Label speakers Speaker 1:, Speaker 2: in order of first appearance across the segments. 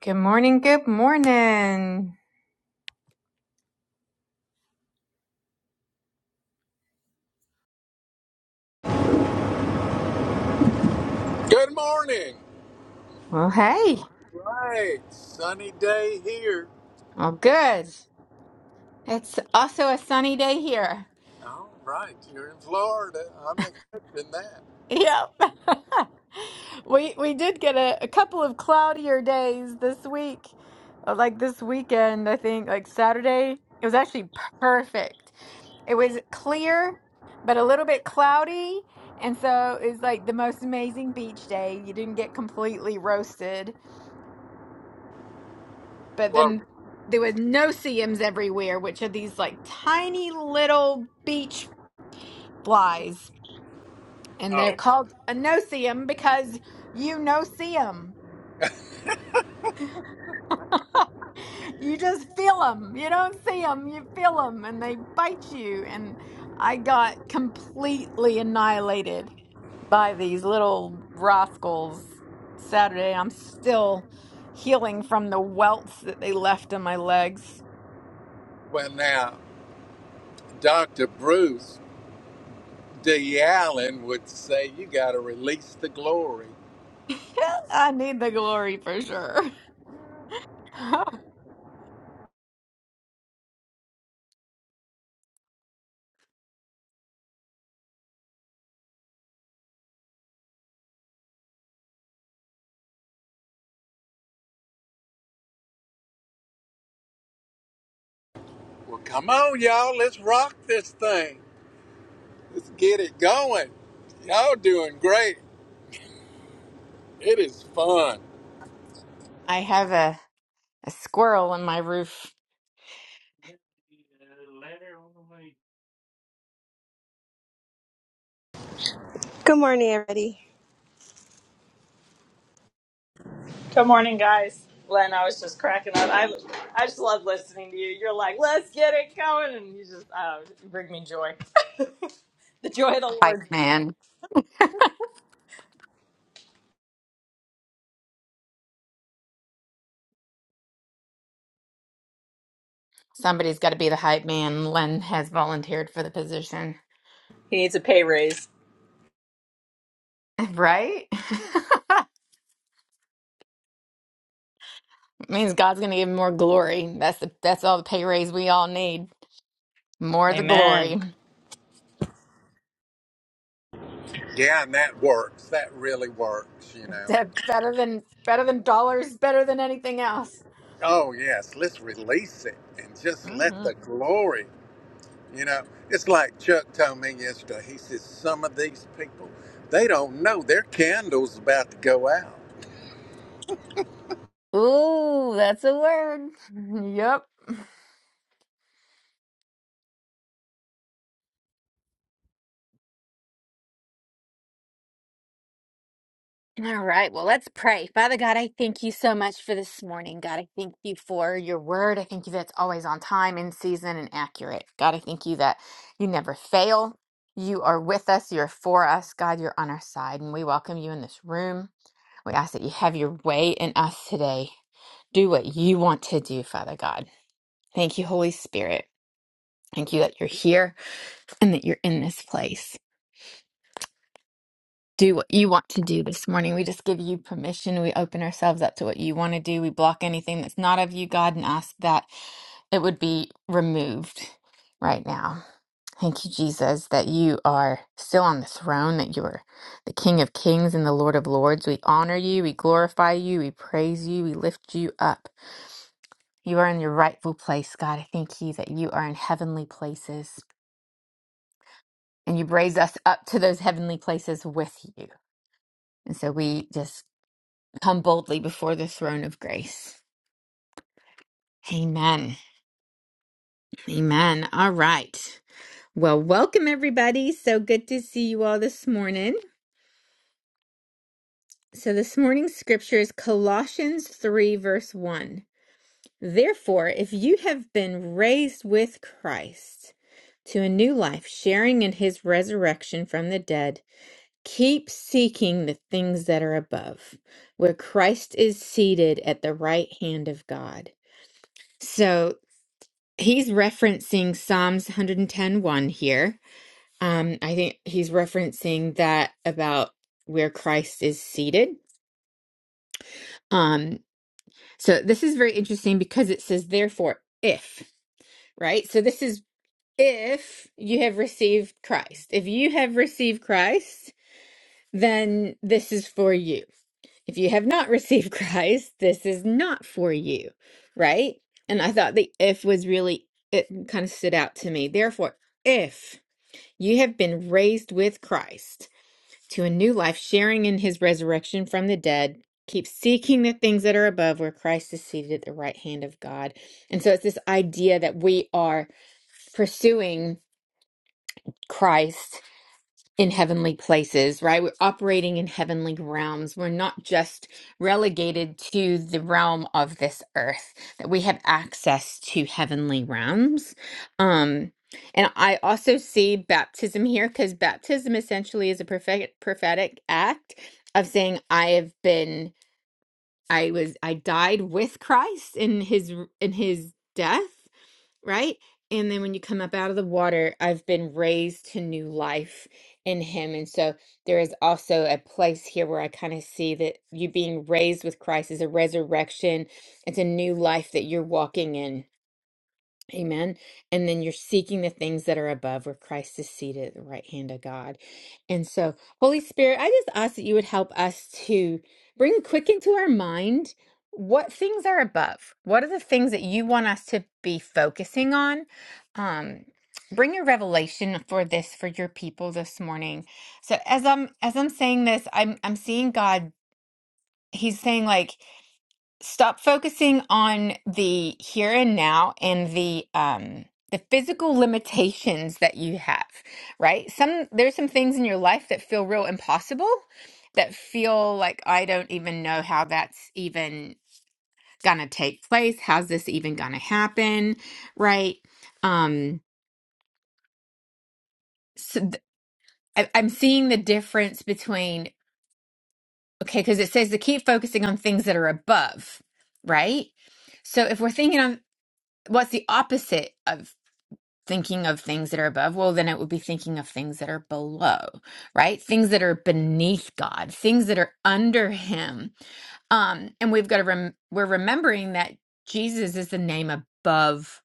Speaker 1: Good morning, good morning.
Speaker 2: Good morning.
Speaker 1: Well, hey,
Speaker 2: Right, sunny day here.
Speaker 1: well, good. It's also a sunny day here.
Speaker 2: All right, you're in Florida. I'm expecting that.
Speaker 1: Yep. we we did get a, a couple of cloudier days this week. Uh, Like this weekend, I think, like Saturday, it was actually perfect. It was clear, but a little bit cloudy. And so it was like the most amazing beach day. You didn't get completely roasted. but
Speaker 2: Well,
Speaker 1: then there was no CMs everywhere, which are these like tiny little beach flies. And
Speaker 2: oh,
Speaker 1: they're called a no-see-em because you no CM because you no see them, You just feel them. You don't see see them, you feel them, and they bite you. And I got completely annihilated by these little rascals Saturday. I'm still healing from the welts that they left on my legs.
Speaker 2: well now, Dr. Bruce D. Allen would say you got to release the glory.
Speaker 1: I need the glory for sure. Oh,
Speaker 2: Well, come on, y'all, let's rock this thing. Let's get it going. Y'all doing great. It is fun.
Speaker 1: I have a, a squirrel on my roof.
Speaker 3: Good morning, everybody.
Speaker 4: Good morning, guys. Len, I was just cracking up. I, I just love listening to you. You're like, let's get it going, and you just oh, bring me joy. the joy of the
Speaker 1: Hype
Speaker 4: Lord.
Speaker 1: man. Somebody's got to be the hype man. Len has volunteered for the position.
Speaker 4: He needs a pay raise.
Speaker 1: Right? means God's going to give him more glory. That's the that's all the pay raise we all need. More of the
Speaker 4: Amen.
Speaker 1: glory.
Speaker 2: Yeah, and that works. That really works, you know.
Speaker 1: That better than better than dollars, better than anything else.
Speaker 2: Oh yes, let's release it and just let
Speaker 1: hmm
Speaker 2: the glory You know, it's like Chuck told me yesterday. He says some of these people, they don't know their candle's about to go out.
Speaker 1: Ooh, that's a word. Yep. All right, well, let's pray. Father God, I thank you so much for this morning. God, I thank you for your word. I thank you that's always on time, in season, and accurate. God, I thank you that you never fail. You are with us, you're for us. God, you're on our side, and we welcome you in this room. We ask that you have your way in us today. Do what you want to do, Father God. Thank you, Holy Spirit. Thank you that you're here and that you're in this place. do what you want to do this morning. We just give you permission. We open ourselves up to what you want to do. We block anything that's not of you, God, and ask that it would be removed right now. Thank you, Jesus, that you are still on the throne, that you are the King of Kings and the Lord of Lords. We honor you, we glorify you, we praise you, we lift you up. You are in your rightful place, God. I thank you that you are in heavenly places and you raise us up to those heavenly places with you. And so we just come boldly before the throne of grace. Amen. Amen. All right. Well, welcome everybody. So good to see you all this morning. So this morning's scripture is Colossians 3, verse 1. Therefore, if you have been raised with Christ to a new life, sharing in his resurrection from the dead, keep seeking the things that are above, where Christ is seated at the right hand of God. So he's referencing Psalms 110:1 here. Um, I think he's referencing that about where Christ is seated. Um, so this is very interesting because it says, therefore, if, right? So this is if you have received Christ. If you have received Christ, then this is for you. If you have not received Christ, this is not for you, right? And I thought the if was really, it kind of stood out to me. Therefore, if. You have been raised with Christ to a new life, sharing in his resurrection from the dead. Keep seeking the things that are above where Christ is seated at the right hand of God. And so it's this idea that we are pursuing Christ in heavenly places, right? We're operating in heavenly realms. We're not just relegated to the realm of this earth, that we have access to heavenly realms. Um, and I also see baptism here because baptism essentially is a prophetic, prophetic act of saying, I have been, I was, I died with Christ in his, in his death right? And then when you come up out of the water, I've been raised to new life in Him. And so there is also a place here where I kind of see that you being raised with Christ is a resurrection, it's a new life that you're walking in Amen. And then you're seeking the things that are above where Christ is seated at the right hand of God. And so, Holy Spirit, I just ask that you would help us to bring quick into our mind what things are above. What are the things that you want us to be focusing on? Um, bring your revelation for this for your people this morning. So as I'm as I'm saying this, I'm I'm seeing God, He's saying like stop focusing on the here and now and the um the physical limitations that you have right some there's some things in your life that feel real impossible that feel like i don't even know how that's even gonna take place how's this even gonna happen right um so th- I, i'm seeing the difference between okay because it says to keep focusing on things that are above right so if we're thinking on what's the opposite of thinking of things that are above, well, then it would be thinking of things that are below, right? Things that are beneath God, things that are under Him. Um, and we've got to, rem- we're remembering that Jesus is the name above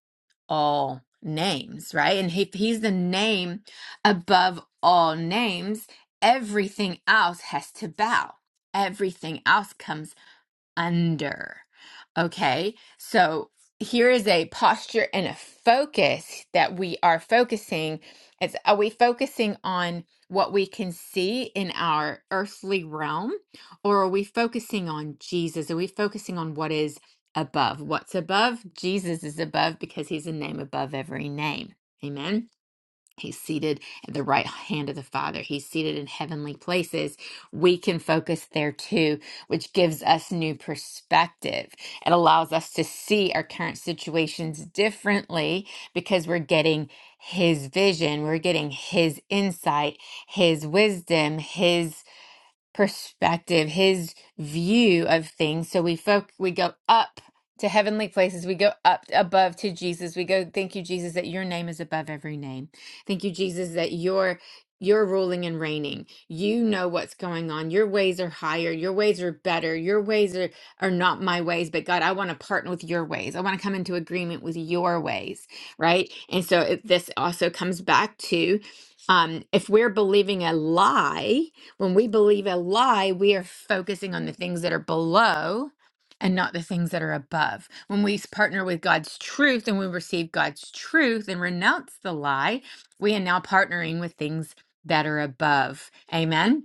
Speaker 1: all names, right? And if He's the name above all names, everything else has to bow. Everything else comes under. Okay, so here is a posture and a focus that we are focusing. It's are we focusing on what we can see in our earthly realm, or are we focusing on Jesus? Are we focusing on what is above? What's above? Jesus is above because he's a name above every name. Amen. He's seated at the right hand of the Father. He's seated in heavenly places. We can focus there too, which gives us new perspective. It allows us to see our current situations differently because we're getting His vision, we're getting His insight, His wisdom, His perspective, his view of things. So we folk we go up to heavenly places. We go up above to Jesus. We go, thank you, Jesus, that your name is above every name. Thank you, Jesus, that your you're ruling and reigning. You know what's going on. Your ways are higher. Your ways are better. Your ways are, are not my ways, but God, I want to partner with your ways. I want to come into agreement with your ways, right? And so it, this also comes back to um, if we're believing a lie, when we believe a lie, we are focusing on the things that are below and not the things that are above. When we partner with God's truth and we receive God's truth and renounce the lie, we are now partnering with things that are above. Amen.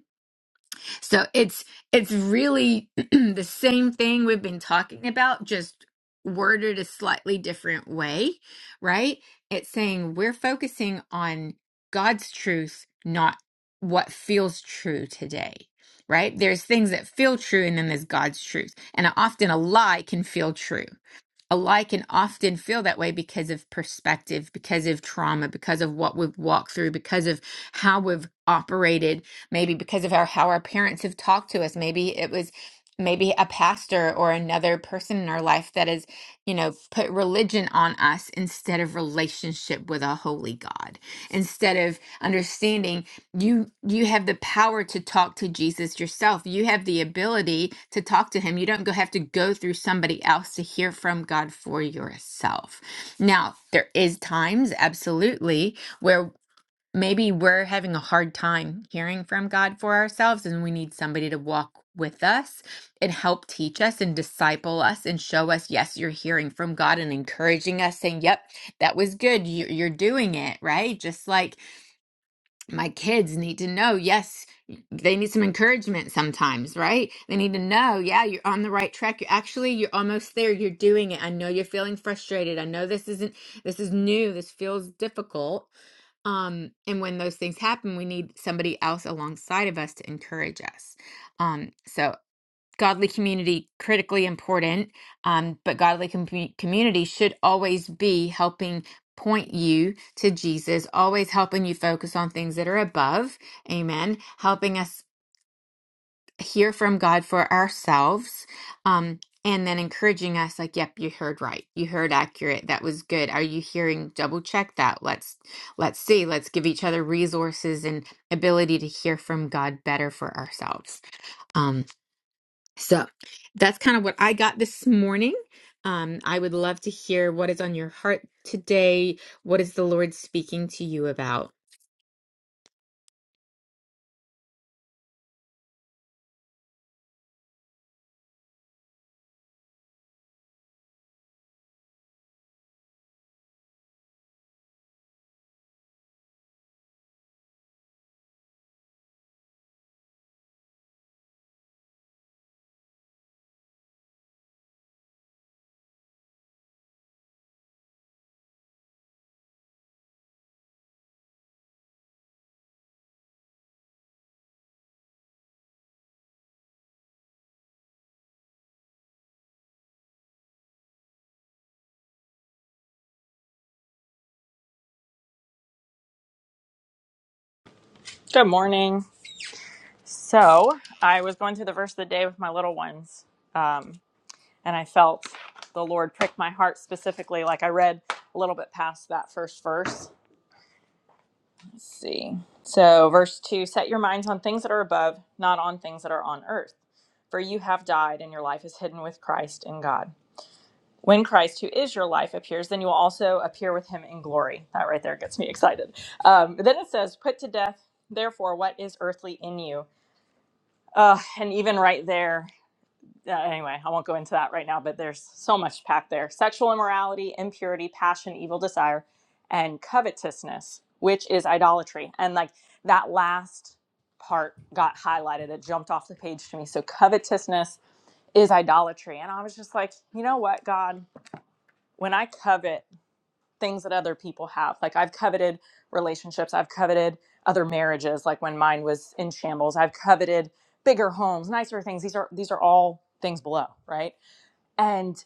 Speaker 1: So it's it's really the same thing we've been talking about, just worded a slightly different way, right? It's saying we're focusing on God's truth, not what feels true today. Right? There's things that feel true and then there's God's truth. And often a lie can feel true alike and often feel that way because of perspective, because of trauma, because of what we've walked through, because of how we've operated, maybe because of our how our parents have talked to us. Maybe it was maybe a pastor or another person in our life that has, you know, put religion on us instead of relationship with a holy God, instead of understanding you you have the power to talk to Jesus yourself. You have the ability to talk to him. You don't go have to go through somebody else to hear from God for yourself. Now, there is times absolutely where maybe we're having a hard time hearing from God for ourselves and we need somebody to walk with us and help teach us and disciple us and show us yes you're hearing from God and encouraging us saying yep that was good you- you're doing it right just like my kids need to know yes they need some encouragement sometimes right they need to know yeah you're on the right track you're actually you're almost there you're doing it i know you're feeling frustrated i know this isn't this is new this feels difficult um and when those things happen we need somebody else alongside of us to encourage us um so godly community critically important um, but godly commu- community should always be helping point you to jesus always helping you focus on things that are above amen helping us hear from god for ourselves um, and then encouraging us like yep you heard right you heard accurate that was good are you hearing double check that let's let's see let's give each other resources and ability to hear from god better for ourselves Um, so that's kind of what I got this morning. Um, I would love to hear what is on your heart today. What is the Lord speaking to you about?
Speaker 4: Good morning. So I was going through the verse of the day with my little ones, um, and I felt the Lord prick my heart specifically. Like I read a little bit past that first verse, Let's see. So, verse 2 Set your minds on things that are above, not on things that are on earth. For you have died, and your life is hidden with Christ in God. When Christ, who is your life, appears, then you will also appear with him in glory. That right there gets me excited. Um, then it says, Put to death, therefore, what is earthly in you. Uh, and even right there, uh, anyway, I won't go into that right now, but there's so much packed there sexual immorality, impurity, passion, evil desire, and covetousness, which is idolatry. And like that last part got highlighted, it jumped off the page to me. So, covetousness is idolatry. And I was just like, you know what, God, when I covet things that other people have, like I've coveted relationships, I've coveted other marriages, like when mine was in shambles, I've coveted bigger homes, nicer things. These are these are all things below, right? and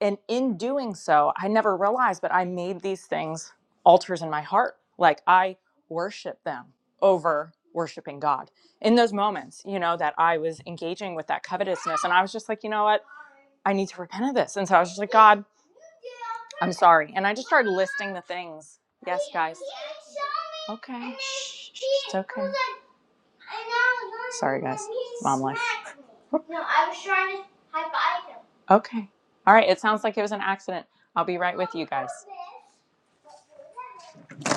Speaker 4: and in doing so i never realized but i made these things altars in my heart like i worship them over worshiping god in those moments you know that i was engaging with that covetousness and i was just like you know what i need to repent of this and so i was just like god i'm sorry and i just started listing the things yes guys okay Shh, it's okay Sorry, guys. Mom life. No, I was trying to high five him. Okay. All right. It sounds like it was an accident. I'll be right with you guys.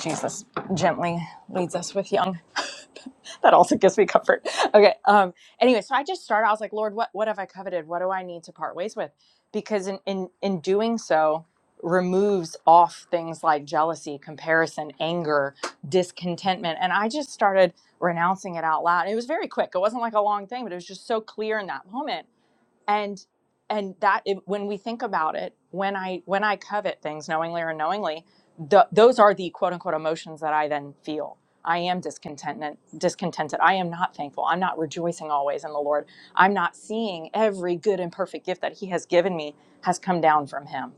Speaker 4: Jesus gently leads us with young. that also gives me comfort. Okay. Um. Anyway, so I just started. I was like, Lord, what what have I coveted? What do I need to part ways with? Because in in in doing so, removes off things like jealousy, comparison, anger, discontentment, and I just started renouncing it out loud. It was very quick. It wasn't like a long thing, but it was just so clear in that moment. And and that it, when we think about it, when I when I covet things knowingly or unknowingly, th- those are the quote unquote emotions that I then feel. I am discontented. Discontented. I am not thankful. I'm not rejoicing always in the Lord. I'm not seeing every good and perfect gift that He has given me has come down from Him.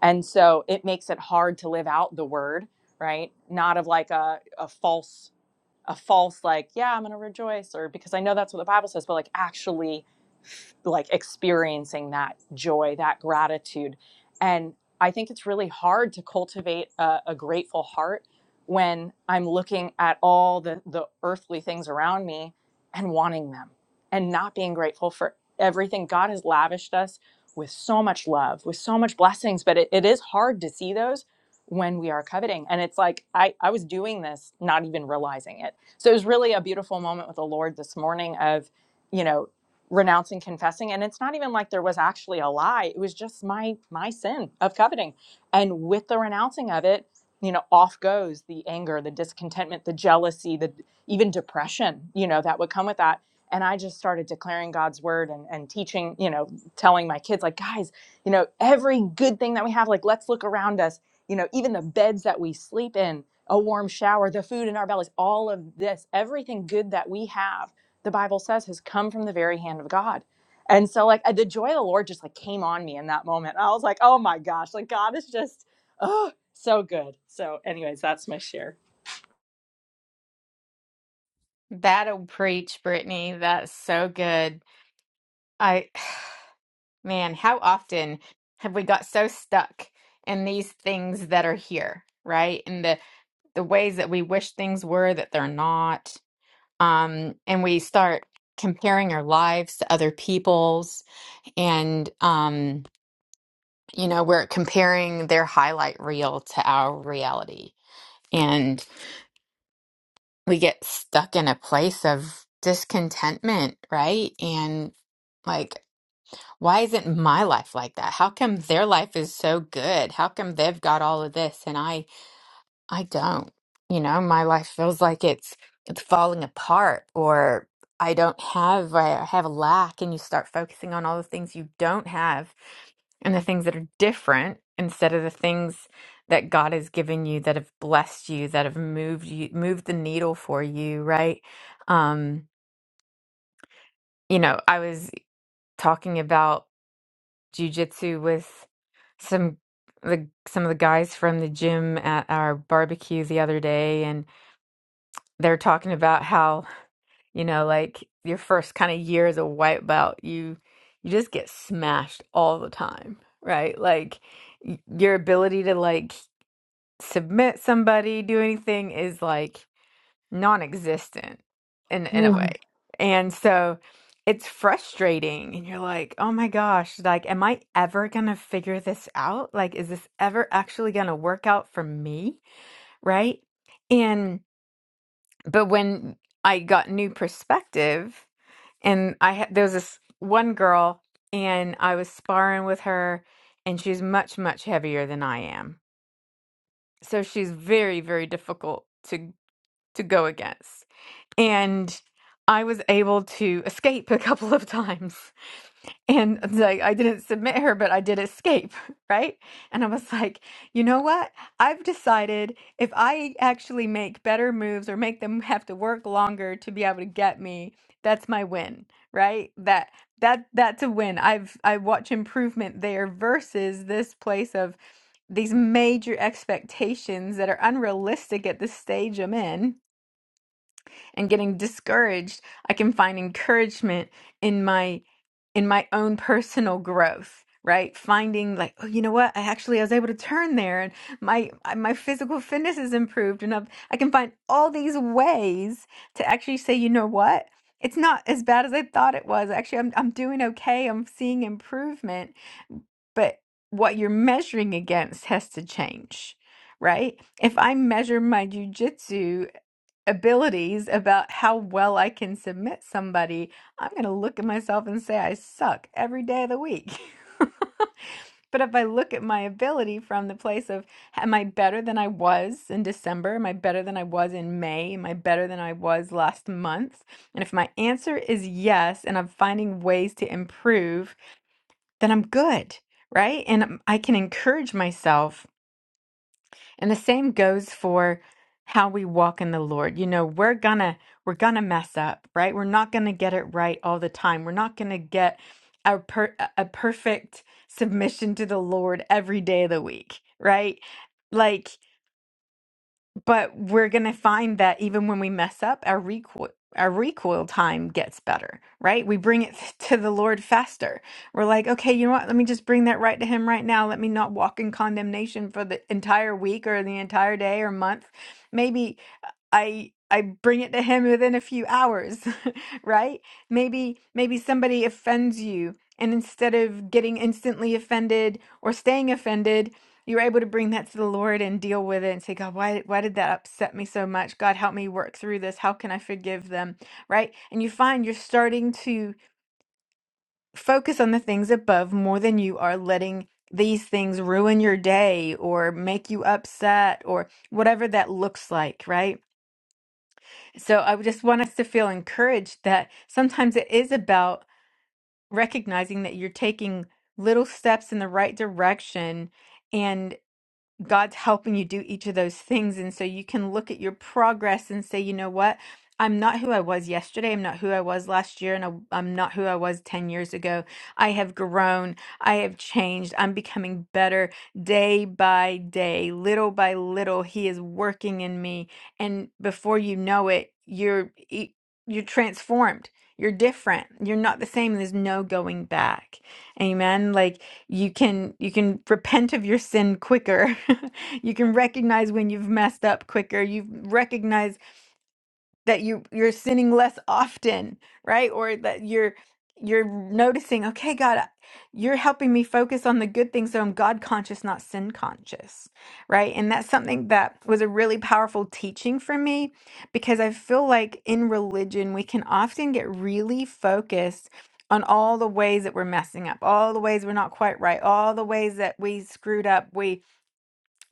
Speaker 4: And so it makes it hard to live out the word, right? Not of like a, a false a false like yeah i'm going to rejoice or because i know that's what the bible says but like actually like experiencing that joy that gratitude and i think it's really hard to cultivate a, a grateful heart when i'm looking at all the the earthly things around me and wanting them and not being grateful for everything god has lavished us with so much love with so much blessings but it, it is hard to see those when we are coveting and it's like i i was doing this not even realizing it so it was really a beautiful moment with the Lord this morning of, you know, renouncing confessing and it's not even like there was actually a lie it was just my my sin of coveting and with the renouncing of it you know off goes the anger the discontentment the jealousy the even depression you know that would come with that and i just started declaring god's word and, and teaching you know telling my kids like guys you know every good thing that we have like let's look around us you know even the beds that we sleep in a warm shower, the food in our bellies, all of this, everything good that we have, the Bible says has come from the very hand of God. And so like uh, the joy of the Lord just like came on me in that moment. I was like, oh my gosh, like God is just oh so good. So anyways, that's my share.
Speaker 1: That'll preach, Brittany. That's so good. I, man, how often have we got so stuck in these things that are here, right? And the the ways that we wish things were that they're not. Um, and we start comparing our lives to other people's, and um. you know, we're comparing their highlight reel to our reality. And we get stuck in a place of discontentment, right? And like, why isn't my life like that? How come their life is so good? How come they've got all of this and I I don't. You know, my life feels like it's it's falling apart or I don't have I have a lack and you start focusing on all the things you don't have and the things that are different instead of the things that God has given you that have blessed you that have moved you moved the needle for you, right? Um, you know, I was talking about jujitsu with some the some of the guys from the gym at our barbecue the other day and. they're talking about how you know like your first kind of year as a white belt you you just get smashed all the time right like y- your ability to like submit somebody do anything is like non-existent in in a
Speaker 5: Oh,
Speaker 1: way and so it's frustrating and you're like oh my gosh like am i ever gonna figure this out like is this ever actually gonna work out for me right and but when I got new perspective, and I had there was this one girl, and I was sparring with her, and she's much much heavier than I am, so she's very very difficult to to go against and I was able to escape a couple of times. And it's like I didn't submit her, but I did escape, right? And I was like, you know what? I've decided if I actually make better moves or make them have to work longer to be able to get me, that's my win, right? That that that's a win. I've I watch improvement there versus this place of these major expectations that are unrealistic at the stage I'm in and getting discouraged, I can find encouragement in my in my own personal growth, right? Finding like, oh, you know what? I actually I was able to turn there and my I- my physical fitness is improved and I've, I can find all these ways to actually say, you know what? It's not as bad as I thought it was. Actually, I'm I'm doing okay. I'm seeing improvement, but what you're measuring against has to change, right? If I measure my jujitsu abilities about how well I can submit somebody, I'm going to look at myself and say I suck every day of the week. but if I look at my ability from the place of, am I better than I was in December? Am I better than I was in May? Am I better than I was last month? And if my answer is yes, and I'm finding ways to improve, then I'm good, right? And um, I can encourage myself and the same goes for how we walk in the Lord. You know, we're gonna we're gonna mess up, right? We're not gonna get it right all the time. We're not gonna get a per, a perfect submission to the Lord every day of the week, right? Like but we're going to find that even when we mess up our recoil our recoil time gets better right we bring it to the lord faster we're like okay you know what let me just bring that right to him right now let me not walk in condemnation for the entire week or the entire day or month maybe I I bring it to him within a few hours, right? Maybe maybe somebody offends you and instead of getting instantly offended or staying offended, you're able to bring that to the Lord and deal with it and say, God, why why did that upset me so much? God, help me work through this. How can I forgive them? Right? And you find you're starting to focus on the things above more than you are letting these things ruin your day or make you upset or whatever that looks like, right? So I would just want us to feel encouraged that sometimes it is about recognizing that you're taking little steps in the right direction God's helping you do each of those things. And so you can look at your progress and say, you know what? I'm not who I was yesterday. I'm not who I was last year. And I- I'm not who I was 10 years ago. I have grown. I have changed. I'm becoming better day by day, little by little. He is working in me. And before you know it, you're, e- you're transformed. You're different. You're not the same. There's no going back. Amen. Like, you can you can repent of your sin quicker you can recognize when you've messed up quicker you recognize that you you're sinning less often right or that you're you're noticing okay god I- you're helping me focus on the good things so i'm god conscious not sin conscious right and that's something that was a really powerful teaching for me because i feel like in religion we can often get really focused on all the ways that we're messing up all the ways we're not quite right all the ways that we screwed up we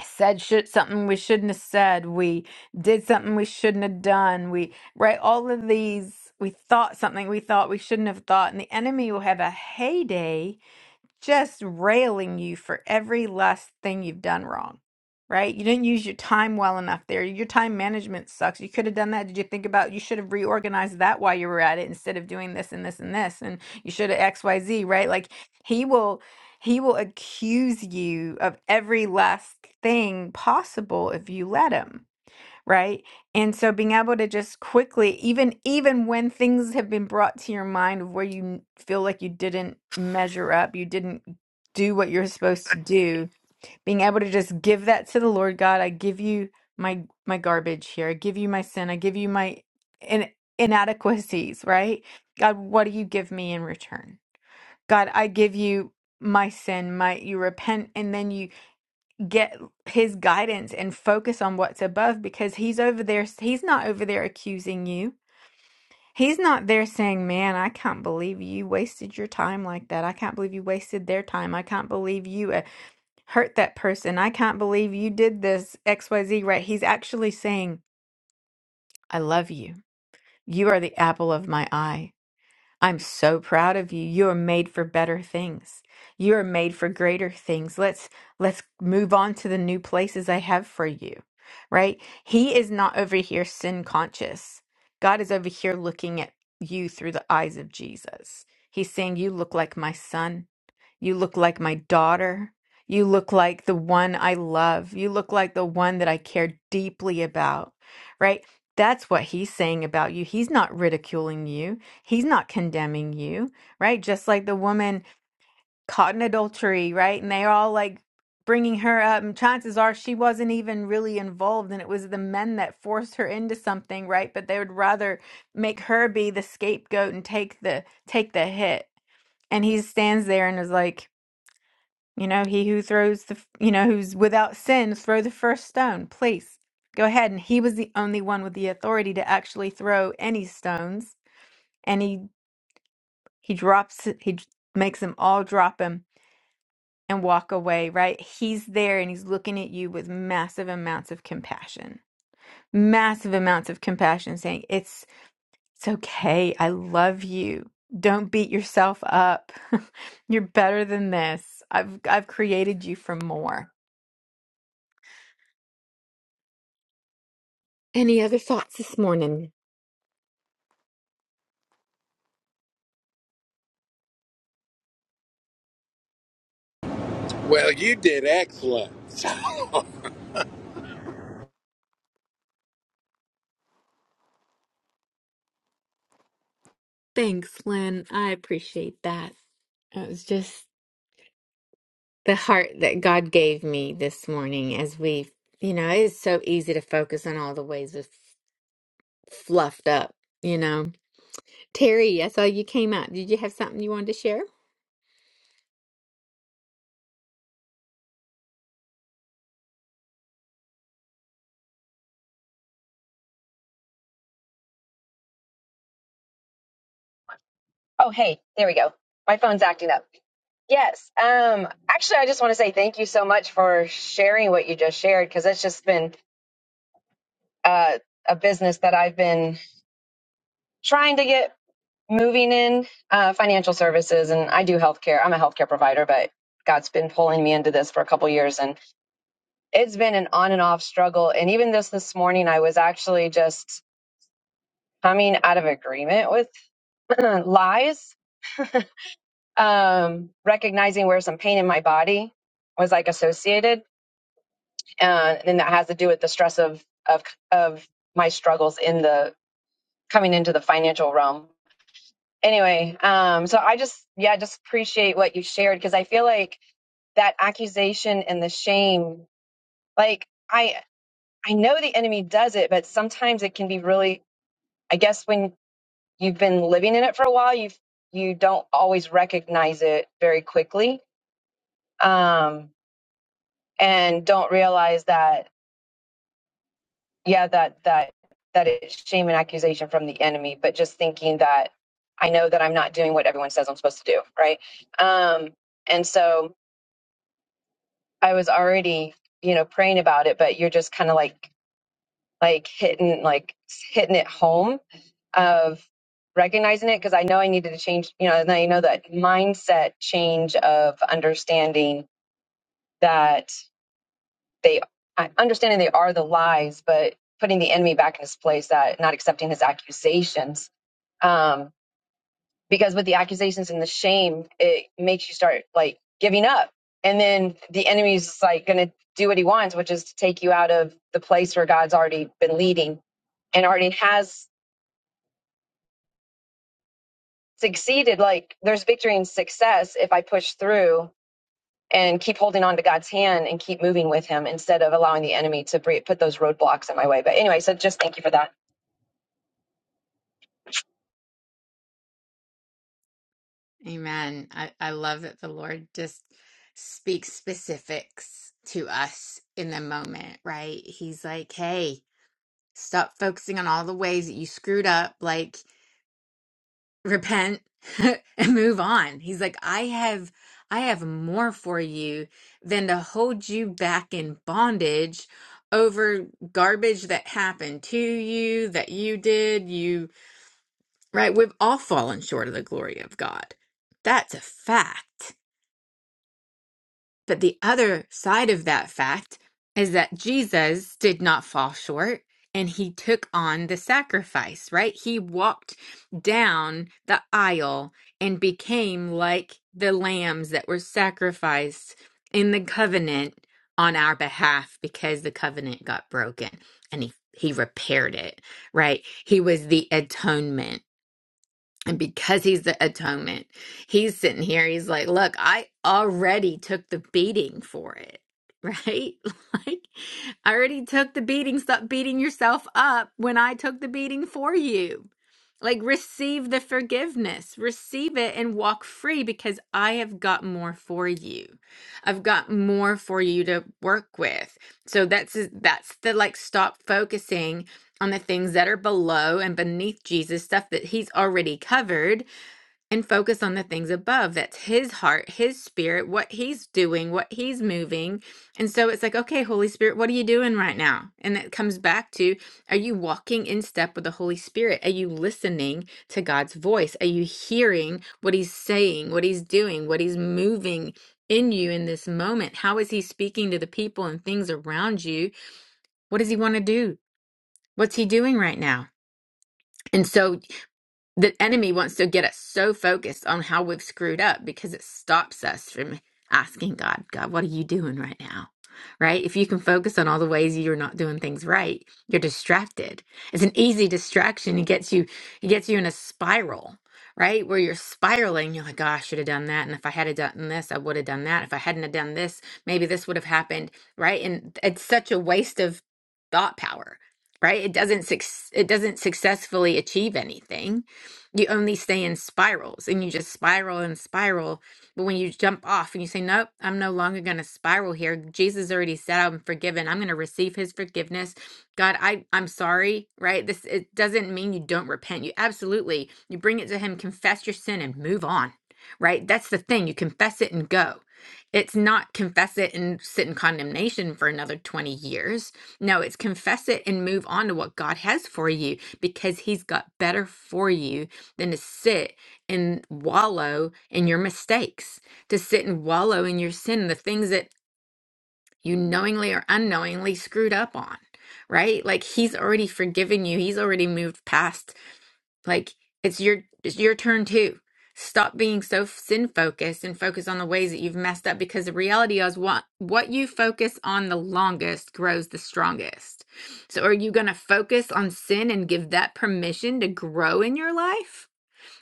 Speaker 1: said should, something we shouldn't have said we did something we shouldn't have done we right all of these we thought something we thought we shouldn't have thought and the enemy will have a heyday just railing you for every last thing you've done wrong, right? You didn't use your time well enough there. Your time management sucks. You could have done that. Did you think about you should have reorganized that while you were at it instead of doing this and this and this and you should have XYZ, right? Like he will he will accuse you of every last thing possible if you let him right and so being able to just quickly even even when things have been brought to your mind of where you n- feel like you didn't measure up you didn't do what you're supposed to do being able to just give that to the lord god i give you my my garbage here i give you my sin i give you my in, inadequacies right god what do you give me in return god i give you my sin my you repent and then you get his guidance and focus on what's above because he's over there he's not over there accusing you he's not there saying man i can't believe you wasted your time like that i can't believe you wasted their time i can't believe you uh, hurt that person i can't believe you did this xyz right he's actually saying i love you you are the apple of my eye I'm so proud of you. You are made for better things. You are made for greater things. Let's let's move on to the new places I have for you. Right? He is not over here sin conscious. God is over here looking at you through the eyes of Jesus. He's saying you look like my son. You look like my daughter. You look like the one I love. You look like the one that I care deeply about, right? That's what he's saying about you. He's not ridiculing you. He's not condemning you, right? Just like the woman caught in adultery, right? And they're all like bringing her up. And chances are she wasn't even really involved. And it was the men that forced her into something, right? But they would rather make her be the scapegoat and take the take the hit. And he stands there and is like, you know, he who throws the, you know, who's without sin, throw the first stone, please. Go ahead. And he was the only one with the authority to actually throw any stones. And he he drops it- he j- makes them all drop him and walk away, right? He's there and he's looking at you with massive amounts of compassion. Massive amounts of compassion saying, "It's it's okay. I love you. Don't beat yourself up. You're better than this. I've I've created you for more." Any other thoughts this morning?
Speaker 2: Well, you did excellent.
Speaker 1: Thanks, Lynn. I appreciate that. It was just the heart that God gave me this morning as we, you know, it is so easy to focus on all the ways we've fluffed up, you know. Terry, I saw you came out. Did you have something you wanted to share?
Speaker 6: Oh, hey, there we go. My phone's acting up. Yes. Um, actually, I just want to say thank you so much for sharing what you just shared because it's just been uh, a business that I've been trying to get moving in uh, financial services, and I do healthcare. I'm a healthcare provider, but God's been pulling me into this for a couple years, and it's been an on and off struggle. And even this this morning, I was actually just coming out of agreement with lies um, recognizing where some pain in my body was like associated, uh, and then that has to do with the stress of of of my struggles in the coming into the financial realm. Anyway, um, so I just yeah, just appreciate what you shared because I feel like that accusation and the shame, like I I know the enemy does it, but sometimes it can be really. I guess when you've been living in it for a while, you you don't always recognize it very quickly. Um, and don't realize that yeah that that that it's shame and accusation from the enemy but just thinking that i know that i'm not doing what everyone says i'm supposed to do right um and so i was already you know praying about it but you're just kind of like like hitting like hitting it home of recognizing it because i know i needed to change you know and i know that mindset change of understanding that they understanding they are the lies, but putting the enemy back in his place, that not accepting his accusations. Um, because with the accusations and the shame, it makes you start like giving up. And then the enemy's just, like going to do what he wants, which is to take you out of the place where God's already been leading and already has succeeded. Like there's victory and success if I push through and keep holding on to God's hand and keep moving with him instead of allowing the enemy to put those roadblocks in my way. But anyway, so just thank you for that.
Speaker 1: Amen. I, I love that the Lord just speaks specifics to us in the moment, right? He's like, hey, stop focusing on all the ways that you screwed up, like repent and move on. He's like, I have I have more for you than to hold you back in bondage over garbage that happened to you, that you did, you right, we've all fallen short of the glory of God. That's a fact But the other side of that fact is that Jesus did not fall short and he took on the sacrifice, right? He walked down the aisle and became like the lambs that were sacrificed in the covenant on our behalf because the covenant got broken and he he repaired it, right? He was the atonement. And because he's the atonement, he's sitting here, he's like, Look, I already took the beating for it, right? Like, I already took the beating. Stop beating yourself up when I took the beating for you. Like, receive the forgiveness, receive it and walk free because I have got more for you. I've got more for you to work with. So that's that's the like stop focusing on the things that are below and beneath Jesus, stuff that he's already covered, and focus on the things above. That's his heart, his spirit, what he's doing, what he's moving. And so it's like, okay, Holy Spirit, what are you doing right now? And that comes back to are you walking in step with the Holy Spirit? Are you listening to God's voice? Are you hearing what he's saying, what he's doing, what he's moving? In you in this moment? How is he speaking to the people and things around you? What does he want to do? What's he doing right now? And so the enemy wants to get us so focused on how we've screwed up because it stops us from asking God, God, what are you doing right now? Right? If you can focus on all the ways you're not doing things right, you're distracted. It's an easy distraction. It gets you it gets you in a spiral, right? Where you're spiraling, you're like, oh, I should have done that. And if I had have done this, I would have done that. If I hadn't have done this, maybe this would have happened. Right. And it's such a waste of thought power, right? It doesn't suc- it doesn't successfully achieve anything you only stay in spirals and you just spiral and spiral. But when you jump off and you say, Nope, I'm no longer going to spiral here. Jesus already said I'm forgiven. I'm going to receive his forgiveness. God, I, I'm sorry, right? This it doesn't mean you don't repent. You absolutely you bring it to him, confess your sin and move on. Right? That's the thing. You confess it and go. It's not confess it and sit in condemnation for another 20 years. No, it's confess it and move on to what God has for you because he's got better for you than to sit and wallow in your mistakes, to sit and wallow in your sin, the things that you knowingly or unknowingly screwed up on, right? Like he's already forgiven you. He's already moved past. Like it's your it's your turn too. Stop being so sin focused and focus on the ways that you've messed up because the reality is what what you focus on the longest grows the strongest. So are you going to focus on sin and give that permission to grow in your life?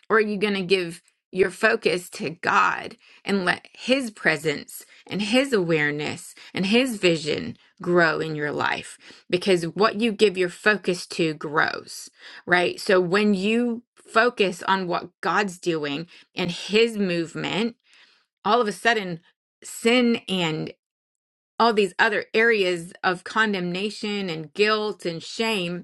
Speaker 1: Or are you going to give your focus to God and let His presence and His awareness and His vision grow in your life? Because what you give your focus to grows, right? So when you focus on what God's doing and His movement, all of a sudden, sin and all these other areas of condemnation and guilt and shame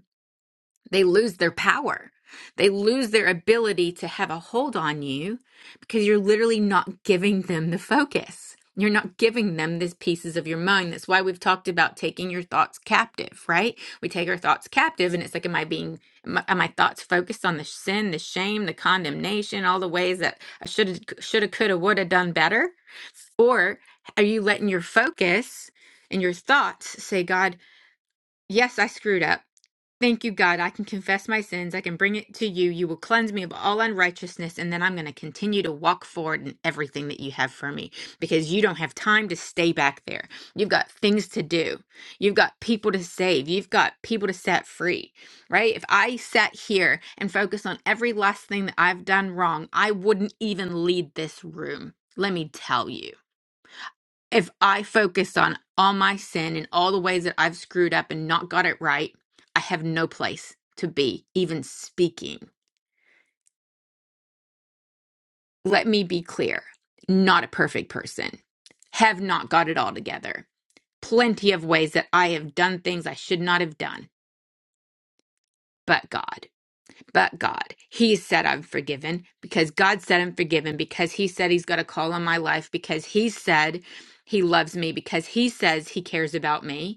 Speaker 1: they lose their power. They lose their ability to have a hold on you because you're literally not giving them the focus. You're not giving them these pieces of your mind. That's why we've talked about taking your thoughts captive, right? We take our thoughts captive, and it's like, am I being, am I- are my thoughts focused on the sin, the shame, the condemnation, all the ways that I should have, should have, could have, would have done better? Or are you letting your focus and your thoughts say, God, yes, I screwed up. Thank you, God. I can confess my sins. I can bring it to you. You will cleanse me of all unrighteousness, and then I'm going to continue to walk forward in everything that you have for me because you don't have time to stay back there. You've got things to do, you've got people to save, you've got people to set free, right? If I sat here and focused on every last thing that I've done wrong, I wouldn't even lead this room. Let me tell you if I focus on all my sin and all the ways that I've screwed up and not got it right, I have no place to be, even speaking. Let me be clear not a perfect person, have not got it all together. Plenty of ways that I have done things I should not have done. But God, but God, He said I'm forgiven because God said I'm forgiven because He said He's got a call on my life because He said He loves me because He says He cares about me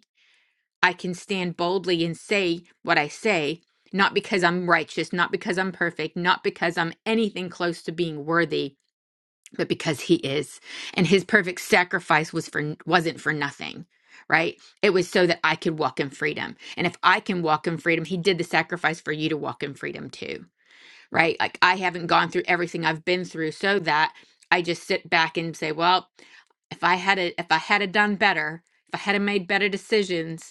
Speaker 1: I can stand boldly and say what I say, not because I'm righteous, not because I'm perfect, not because I'm anything close to being worthy, but because he is. And his perfect sacrifice was for wasn't for nothing, right? It was so that I could walk in freedom. And if I can walk in freedom, he did the sacrifice for you to walk in freedom too, right? Like I haven't gone through everything I've been through so that I just sit back and say, well, if I had a, if I had a done better, if I had a made better decisions,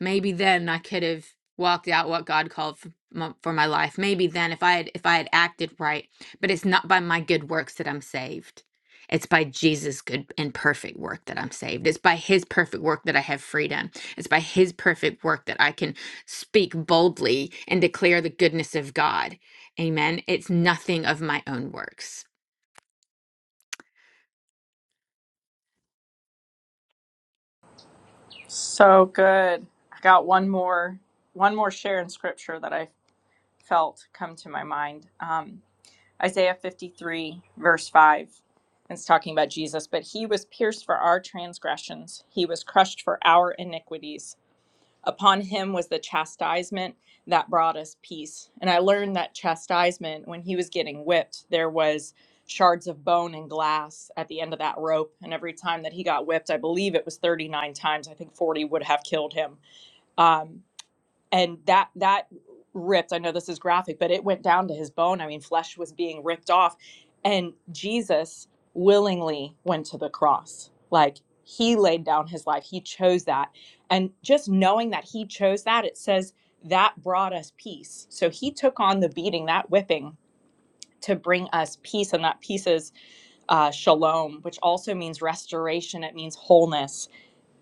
Speaker 1: maybe then I could have walked out what God called for my, life. Maybe then if I had if I had acted right, but it's not by my good works that I'm saved. It's by Jesus' good and perfect work that I'm saved. It's by his perfect work that I have freedom. It's by his perfect work that I can speak boldly and declare the goodness of God. Amen. It's nothing of my own works.
Speaker 4: So good. I got one more one more share in scripture that I felt come to my mind. Um, Isaiah 53, verse 5. It's talking about Jesus, but he was pierced for our transgressions, he was crushed for our iniquities. Upon him was the chastisement that brought us peace. And I learned that chastisement, when he was getting whipped, there was shards of bone and glass at the end of that rope. And every time that he got whipped, I believe it was 39 times, I think 40 would have killed him. Um, and that that ripped i know this is graphic but it went down to his bone i mean flesh was being ripped off and jesus willingly went to the cross like he laid down his life he chose that and just knowing that he chose that it says that brought us peace so he took on the beating that whipping to bring us peace and that peace is uh, shalom which also means restoration it means wholeness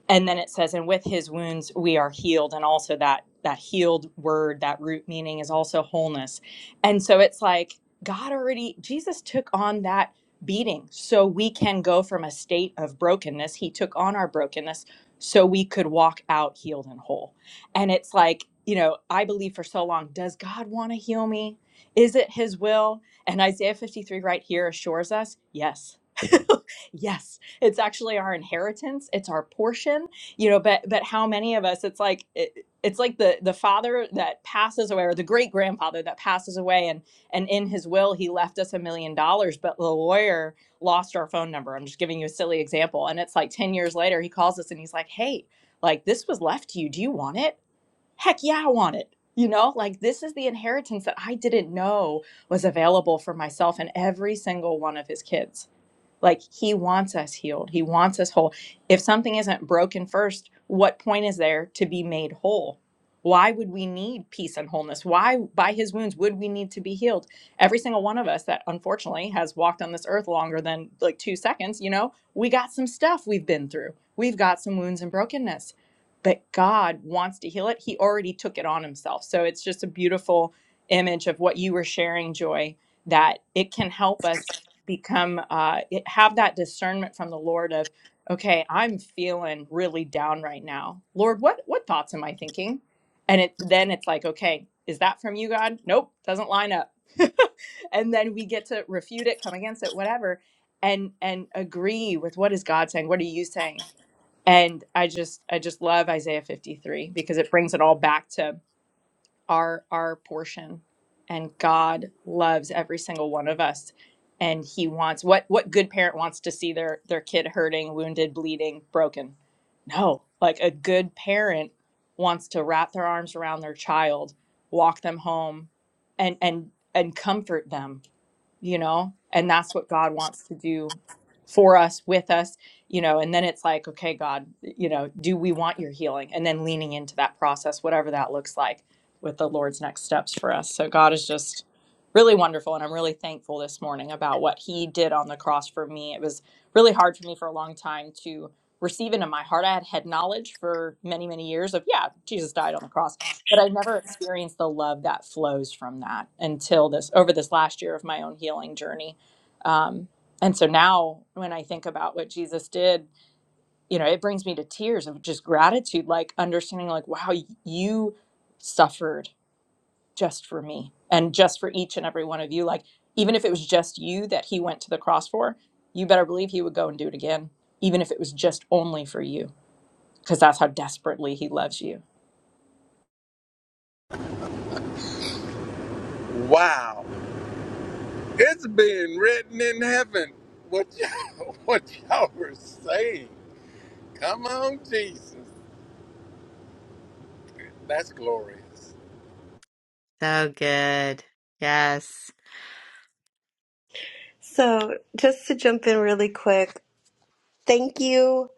Speaker 4: and then it says and with his wounds we are healed and also that that healed word that root meaning is also wholeness and so it's like god already jesus took on that beating so we can go from a state of brokenness he took on our brokenness so we could walk out healed and whole and it's like you know i believe for so long does god want to heal me is it his will and isaiah 53 right here assures us yes Yes, it's actually our inheritance. It's our portion, you know. But but how many of us? It's like it, it's like the the father that passes away, or the great grandfather that passes away, and and in his will he left us a million dollars, but the lawyer lost our phone number. I'm just giving you a silly example, and it's like ten years later he calls us and he's like, "Hey, like this was left to you. Do you want it? Heck yeah, I want it." You know, like this is the inheritance that I didn't know was available for myself and every single one of his kids like he wants us healed. He wants us whole. If something isn't broken first, what point is there to be made whole? Why would we need peace and wholeness? Why, by his wounds, would we need to be healed? Every single one of us that unfortunately has walked on this earth longer than like two seconds, you know, we got some stuff we've been through. We've got some wounds and brokenness, but God wants to heal it. He already took it on himself. So it's just a beautiful image of what you were sharing, Joy, that it can help us become uh, have that discernment from the lord of okay i'm feeling really down right now lord what what thoughts am i thinking and it then it's like okay is that from you god nope doesn't line up and then we get to refute it come against it whatever and and agree with what is god saying what are you saying and i just i just love isaiah 53 because it brings it all back to are our portion and god loves every single one of us and he wants what what good parent wants to see their their kid hurting wounded bleeding broken no like a good parent wants to wrap their arms around their child walk them home and and and comfort them you know and that's what god wants to do for us with us you know and then it's like okay god you know do we want your healing and then leaning into that process whatever that looks like with the lord's next steps for us so god is just really wonderful and i'm really thankful this morning about what he did on the cross for me it was really hard for me for a long time to receive into my heart i had head knowledge for many many years of yeah jesus died on the cross but i never experienced the love that flows from that until this over this last year of my own healing journey. Um, and so now when I think about what Jesus did, you know, it brings me to tears of just gratitude, like understanding like, wow, y- you suffered just for me and just for each and every one of you. Like, even if it was just you that he went to the cross for, you better believe he would go and do it again, even if it was just only for you, because that's how desperately he loves you.
Speaker 2: Wow, it's being written in heaven. What y'all, what y'all were saying? Come on, Jesus, that's glorious.
Speaker 1: So good. Yes.
Speaker 3: So, just to jump in really quick, thank you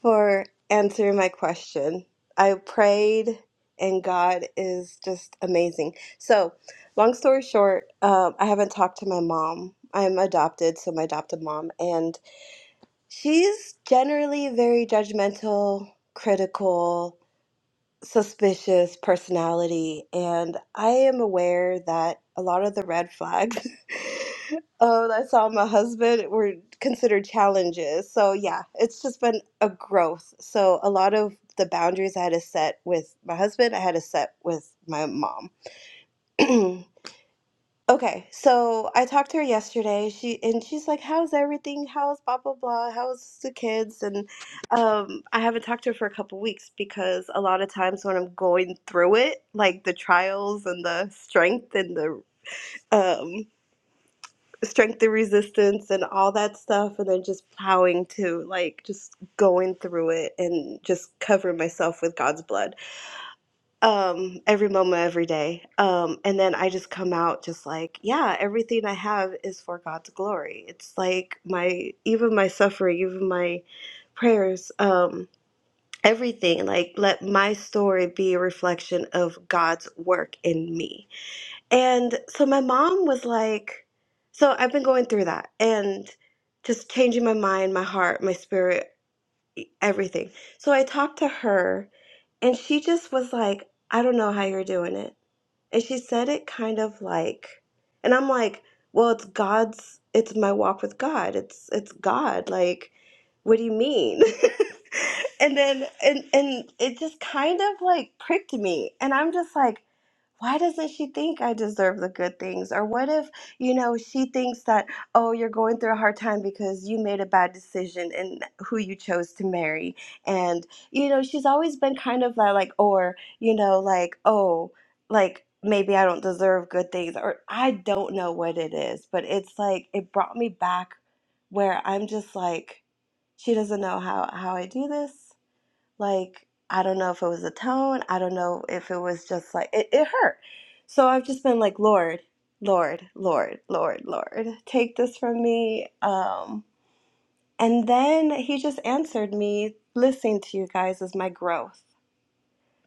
Speaker 3: for answering my question. I prayed, and God is just amazing. So, long story short, um, I haven't talked to my mom. I'm adopted, so my adopted mom, and she's generally very judgmental, critical, suspicious personality, and I am aware that a lot of the red flags uh, that I saw in my husband were considered challenges. So, yeah, it's just been a growth. So, a lot of the boundaries I had to set with my husband, I had to set with my mom. Okay, so I talked to her yesterday. She and she's like, "How's everything? How's blah blah blah? How's the kids?" And um, I haven't talked to her for a couple weeks because a lot of times when I'm going through it, like the trials and the strength and the um, strength and resistance and all that stuff, and then just plowing to like just going through it and just covering myself with God's blood um every moment every day um and then i just come out just like yeah everything i have is for god's glory it's like my even my suffering even my prayers um everything like let my story be a reflection of god's work in me and so my mom was like so i've been going through that and just changing my mind my heart my spirit everything so i talked to her and she just was like, I don't know how you're doing it. And she said it kind of like, and I'm like, well, it's God's, it's my walk with God. It's it's God. Like, what do you mean? and then and and it just kind of like pricked me, and I'm just like why doesn't she think I deserve the good things? Or what if, you know, she thinks that, oh, you're going through a hard time because you made a bad decision in who you chose to marry. And, you know, she's always been kind of that, like, or, you know, like, oh, like maybe I don't deserve good things. Or I don't know what it is, but it's like, it brought me back where I'm just like, she doesn't know how, how I do this like I don't know if it was the tone, I don't know if it was just like it, it hurt. So I've just been like, Lord, Lord, Lord, Lord, Lord, take this from me. Um, and then he just answered me, listening to you guys is my growth.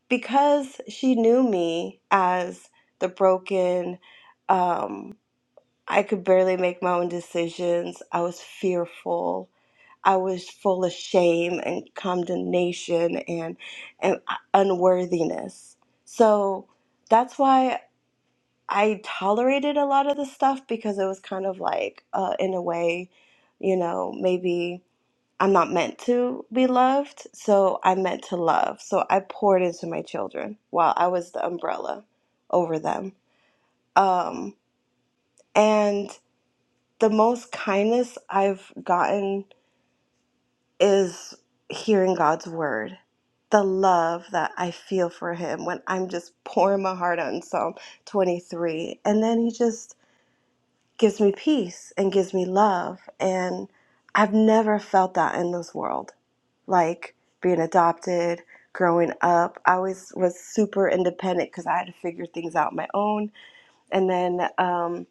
Speaker 3: Because she knew me as the broken, um, I could barely make my own decisions. I was fearful. I was full of shame and condemnation and, and uh, unworthiness. So that's why I tolerated a lot of the stuff because it was kind of like, uh, in a way, you know, maybe I'm not meant to be loved. So I'm meant to love. So I poured into my children while I was the umbrella over them. Um, and the most kindness I've gotten is hearing God's word. The love that I feel for him when I'm just pouring my heart out in Psalm 23. And then he just gives me peace and gives me love. And I've never felt that in this world. Like being adopted, growing up, I always was super independent because I had to figure things out on my own. And then um,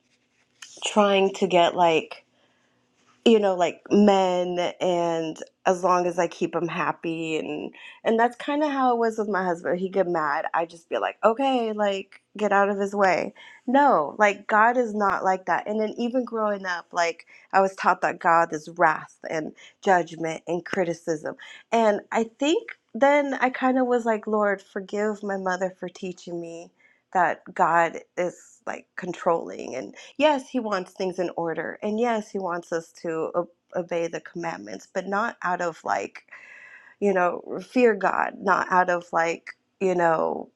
Speaker 3: trying to get like you know like men and as long as i keep him happy and and that's kind of how it was with my husband he'd get mad i'd just be like okay like get out of his way no like god is not like that and then even growing up like i was taught that god is wrath and judgment and criticism and i think then i kind of was like lord forgive my mother for teaching me that god is like controlling and yes, he wants things in order. And yes, he wants us to o- obey the commandments, but not out of like, you know, fear God, not out of like, you know,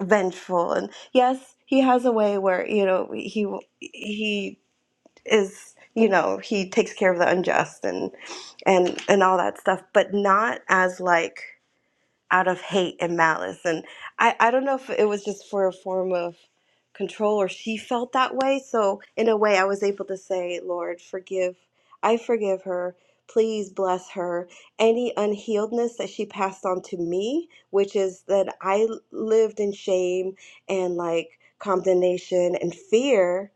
Speaker 3: vengeful. And yes, he has a way where, you know, he he is, you know, he takes care of the unjust and and and all that stuff, but not as like out of hate and malice. And I, I don't know if it was just for a form of control or she felt that way. So, in a way, I was able to say, Lord, forgive. I forgive her. Please bless her. Any unhealedness that she passed on to me, which is that I lived in shame and like condemnation and fear,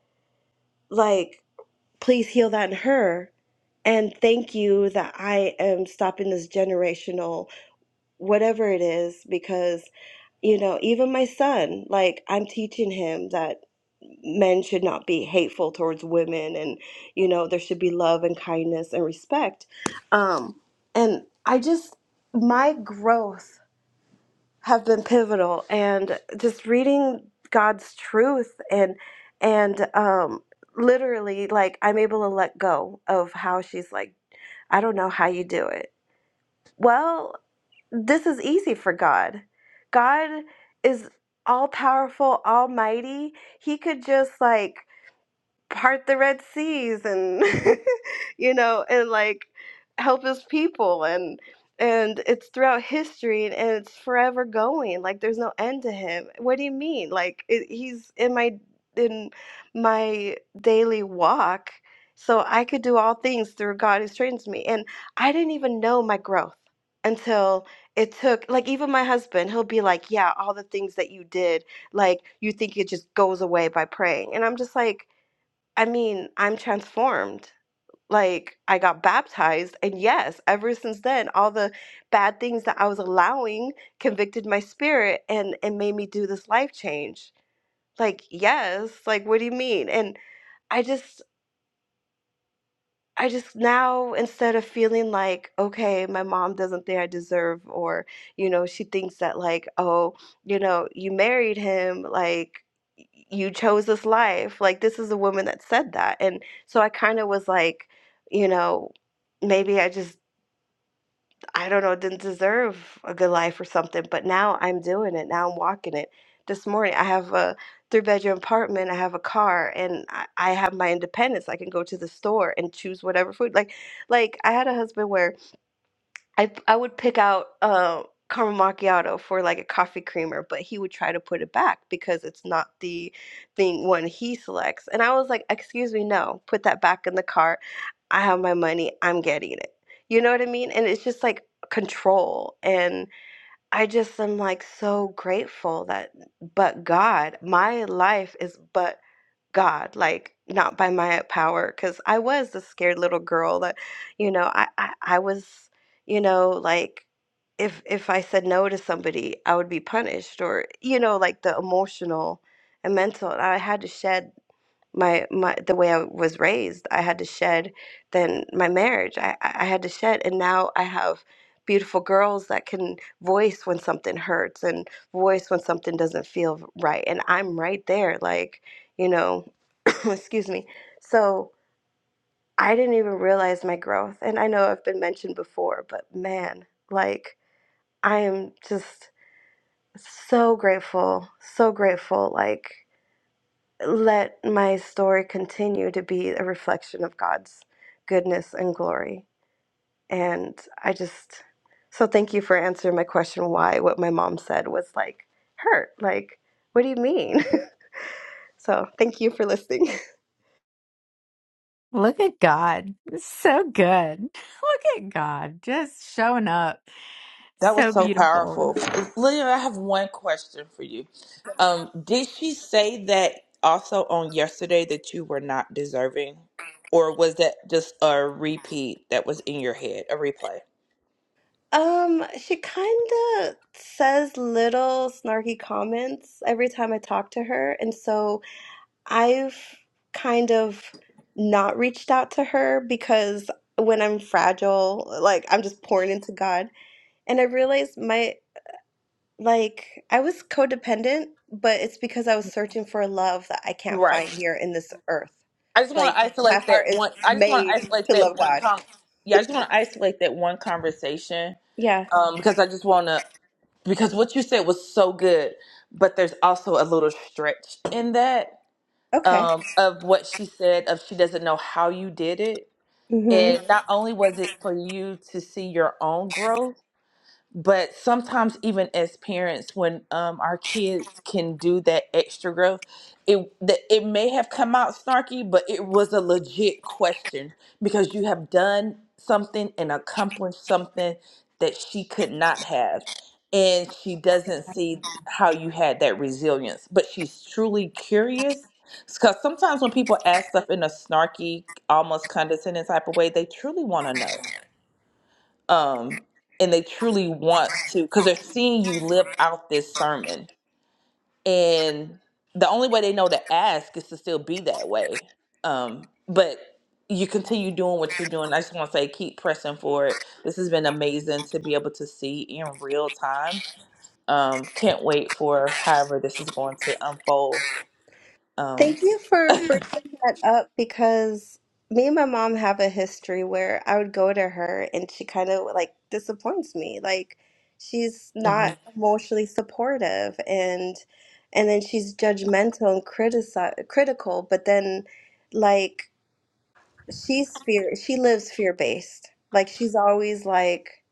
Speaker 3: like, please heal that in her. And thank you that I am stopping this generational whatever it is because you know even my son like i'm teaching him that men should not be hateful towards women and you know there should be love and kindness and respect um and i just my growth have been pivotal and just reading god's truth and and um literally like i'm able to let go of how she's like i don't know how you do it well, this is easy for God. God is all powerful, almighty. He could just like part the Red Seas and you know and like help his people and and it's throughout history and, and it's forever going like there's no end to him what do you mean like it, he's in my in my daily walk so I could do all things through God who strengthens me and I didn't even know my growth until it took like even my husband he'll be like yeah all the things that you did like you think it just goes away by praying and I'm just like I mean, I'm transformed. Like, I got baptized. And yes, ever since then, all the bad things that I was allowing convicted my spirit and and made me do this life change. Like, yes, like, what do you mean? And I just, I just now, instead of feeling like, okay, my mom doesn't think I deserve, or, you know, she thinks that, like, oh, you know, you married him, like, y- you chose this life. Like, this is a woman that said that. And so I kind of was like, you know, maybe I just. I don't know, didn't deserve a good life or something, but now I'm doing it. Now I'm walking it. This morning, I have a three bedroom apartment, I have a car, and I, I have my independence. I can go to the store and choose whatever food. Like, like I had a husband where I p- I would pick out uh, caramel macchiato for like a coffee creamer, but he would try to put it back because it's not the thing one he selects. And I was like, "Excuse me, no, put that back in the cart. I have my money. I'm getting it." You know what I mean? And it's just like control and I just am like so grateful that but God, my life is but God, like not by my power, because I was the scared little girl that, you know, I, I I was, you know, like if if I said no to somebody, I would be punished, or you know, like the emotional and mental. and I had to shed my my the way I was raised. I had to shed then my marriage. I I I had to shed, and now I have beautiful girls that can voice when something hurts and voice when something doesn't feel right. And I'm right there, like you know, excuse me. So I didn't even realize my growth, and I know I've been mentioned before, but man, like I am just so grateful, so grateful, like let my story continue to be a reflection of God's goodness and glory. And I just, so thank you for answering my question why what my mom said was like, hurt. Like, what do you mean? so thank you for listening.
Speaker 1: Look at God. It's so good. Look at God just showing up.
Speaker 7: That was
Speaker 1: So
Speaker 7: so
Speaker 1: beautiful.
Speaker 7: powerful. Lillian, I have one question for you. Um, did she say that also on yesterday that you were not deserving? Or was that just a repeat that was in your head, a replay?
Speaker 3: Um, she kind of says little snarky comments every time I talk to her. And so I've kind of not reached out to her because when I'm fragile, like I'm just pouring into God. And I realized my, like, I was codependent, but it's because I was searching for a love that I can't
Speaker 7: Right.
Speaker 3: find here in this earth.
Speaker 7: I just want to
Speaker 3: Like, my
Speaker 7: isolate
Speaker 3: heart
Speaker 7: that
Speaker 3: is
Speaker 7: one. I just want to
Speaker 3: made
Speaker 7: isolate
Speaker 3: to
Speaker 7: that
Speaker 3: love
Speaker 7: one
Speaker 3: God.
Speaker 7: com. Yeah, I just want to isolate that one conversation
Speaker 3: Yeah.
Speaker 7: um, because I just want to because what you said was so good, but there's also a little stretch in that
Speaker 3: Okay.
Speaker 7: um, of what she said of she doesn't know how you did it
Speaker 3: Hmm.
Speaker 7: And not only was it for you to see your own growth, but sometimes even as parents when um, our kids can do that extra growth it the, it may have come out snarky but it was a legit question because you have done something and accomplished something that she could not have and she doesn't see how you had that resilience but she's truly curious because sometimes when people ask stuff in a snarky almost condescending type of way they truly want to know um, and they truly want to because they're seeing you live out this sermon and the only way they know to ask is to still be that way um, but you continue doing what you're doing i just want to say keep pressing forward this has been amazing to be able to see in real time um, can't wait for however this is going to unfold um,
Speaker 3: Thank you for bringing that up because me and my mom have a history where I would go to her and she kind of like disappoints me. Like she's
Speaker 7: mhm.
Speaker 3: not emotionally supportive and and then she's judgmental and critici critical, but then like she's fear she lives fear-based. Like she's always like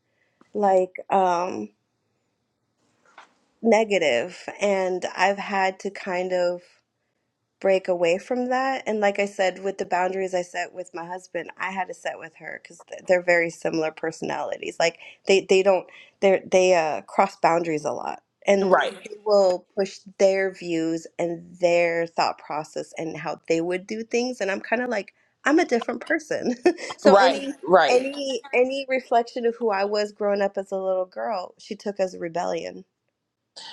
Speaker 3: like um negative and I've had to kind of break away from that. And like I said, with the boundaries I set with my husband, I had to set with her because they're very similar personalities. Like they they don't they they uh, cross boundaries a lot, and
Speaker 7: right
Speaker 3: they will push their views and their thought process and how they would do things. And I'm kind of like I'm a different person, so
Speaker 7: right
Speaker 3: any.
Speaker 7: right
Speaker 3: Any any reflection of who I was growing up as a little girl, she took as rebellion.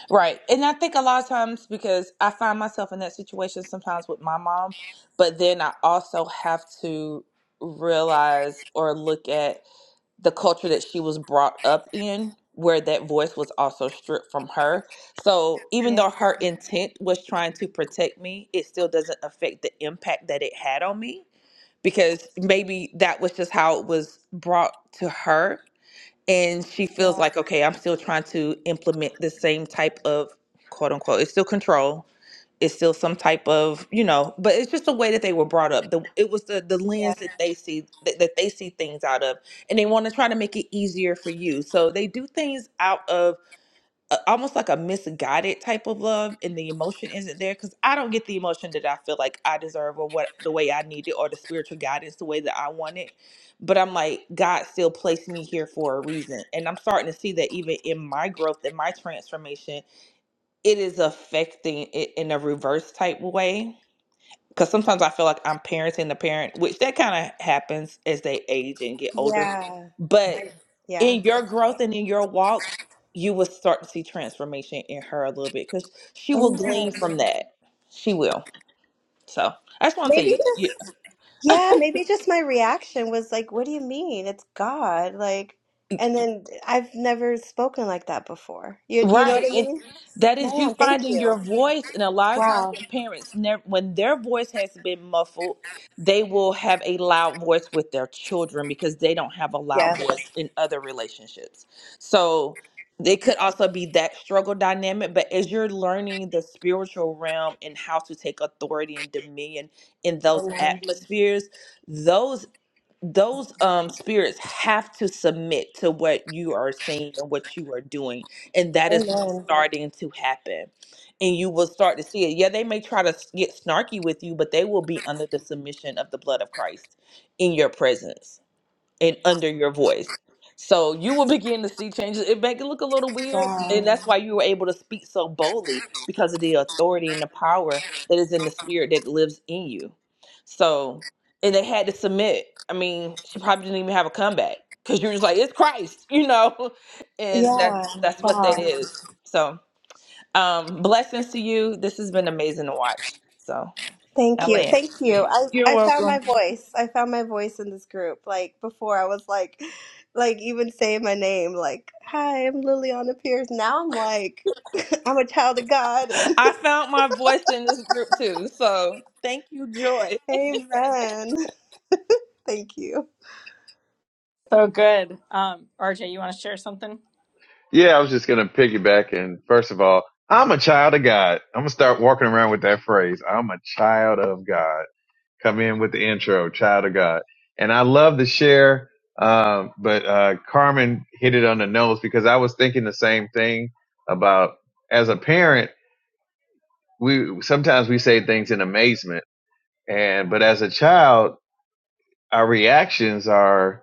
Speaker 7: Right. And I think a lot of times because I find myself in that situation sometimes with my mom, but then I also have to realize or look at the culture that she was brought up in where that voice was also stripped from her. So even
Speaker 3: Yeah,
Speaker 7: though her intent was trying to protect me, it still doesn't affect the impact that it had on me because maybe that was just how it was brought to her and she feels
Speaker 3: yeah,
Speaker 7: like okay i'm still trying to implement the same type of quote unquote it's still control it's still some type of you know but it's just the way that they were brought up the it was the the
Speaker 3: yeah,
Speaker 7: lens that they see that, that they see things out of and they want to try to make it easier for you so they do things out of a- almost like a misguided type of love and the emotion isn't there because i don't get the emotion that i feel like i deserve or what the way i need it or the spiritual guidance the way that i want it but i'm like god still placed me here for a reason and i'm starting to see that even in my growth and my transformation it is affecting it in a reverse type way because sometimes I feel like I'm parenting the parent, which that kind of happens as they age and get older.
Speaker 3: yeah. I,
Speaker 7: But
Speaker 3: yeah.
Speaker 7: in your growth and in your walk, you will start to see transformation in her a little bit because she will
Speaker 3: Amen.
Speaker 7: glean from that. She will. So I just want to tell
Speaker 3: Maybe
Speaker 7: you that.
Speaker 3: just yeah, maybe just my reaction was like, "What do you mean? It's God!" Like, and then I've never spoken like that before. You you know
Speaker 7: Right.
Speaker 3: what I
Speaker 7: It,
Speaker 3: mean?
Speaker 7: that is you
Speaker 3: Man, thank
Speaker 7: finding
Speaker 3: you.
Speaker 7: your voice. And a lot of times
Speaker 3: Wow.
Speaker 7: when parents never when their voice has been muffled, they will have a loud voice with their children because they don't have a loud voice
Speaker 3: Yes.
Speaker 7: in other relationships. So it could also be that struggle dynamic, but as you're learning the spiritual realm and how to take authority and dominion in those
Speaker 3: Amen.
Speaker 7: atmospheres, those those um spirits have to submit to what you are saying and what you are doing and that is what's Mhm.
Speaker 3: Amen.
Speaker 7: starting to happen and you will start to see it yeah they may try to s- get snarky with you but they will be under the submission of the blood of christ in your presence and under your voice. So you will begin to see changes. It make it look a little weird,
Speaker 3: Wow.
Speaker 7: and that's why you were able to speak so boldly because of the authority and the power that is in the spirit that lives in you. So, and they had to submit. I mean, she probably didn't even have a comeback because you're just like, it's Christ, you know, and that
Speaker 3: Yeah.
Speaker 7: that's what
Speaker 3: Wow.
Speaker 7: that is. So, um, blessings to you. This has been amazing to watch. So,
Speaker 3: Thank you.
Speaker 7: Ellen,
Speaker 3: Thank you. I
Speaker 7: you're
Speaker 3: I found
Speaker 7: welcome.
Speaker 3: my voice. I found my voice in this group. Like before, I was like, like even saying my name, like, "Hi, I'm Liliana Pierce." Now I'm like. I'm a child of God and
Speaker 7: I found my voice in this group too. So thank you, Joy.
Speaker 3: amen. Thank you.
Speaker 4: So good. Um, RJ, you want to share something?
Speaker 8: Yeah, I was just gonna piggyback and first of all, I'm a child of God. I'm gonna start walking around with that phrase. I'm a child of God. Come in with the intro, child of God. And I love to share, um, but uh, Carmen hit it on the nose because I was thinking the same thing about as a parent, we sometimes we say things in amazement, and but as a child, our reactions are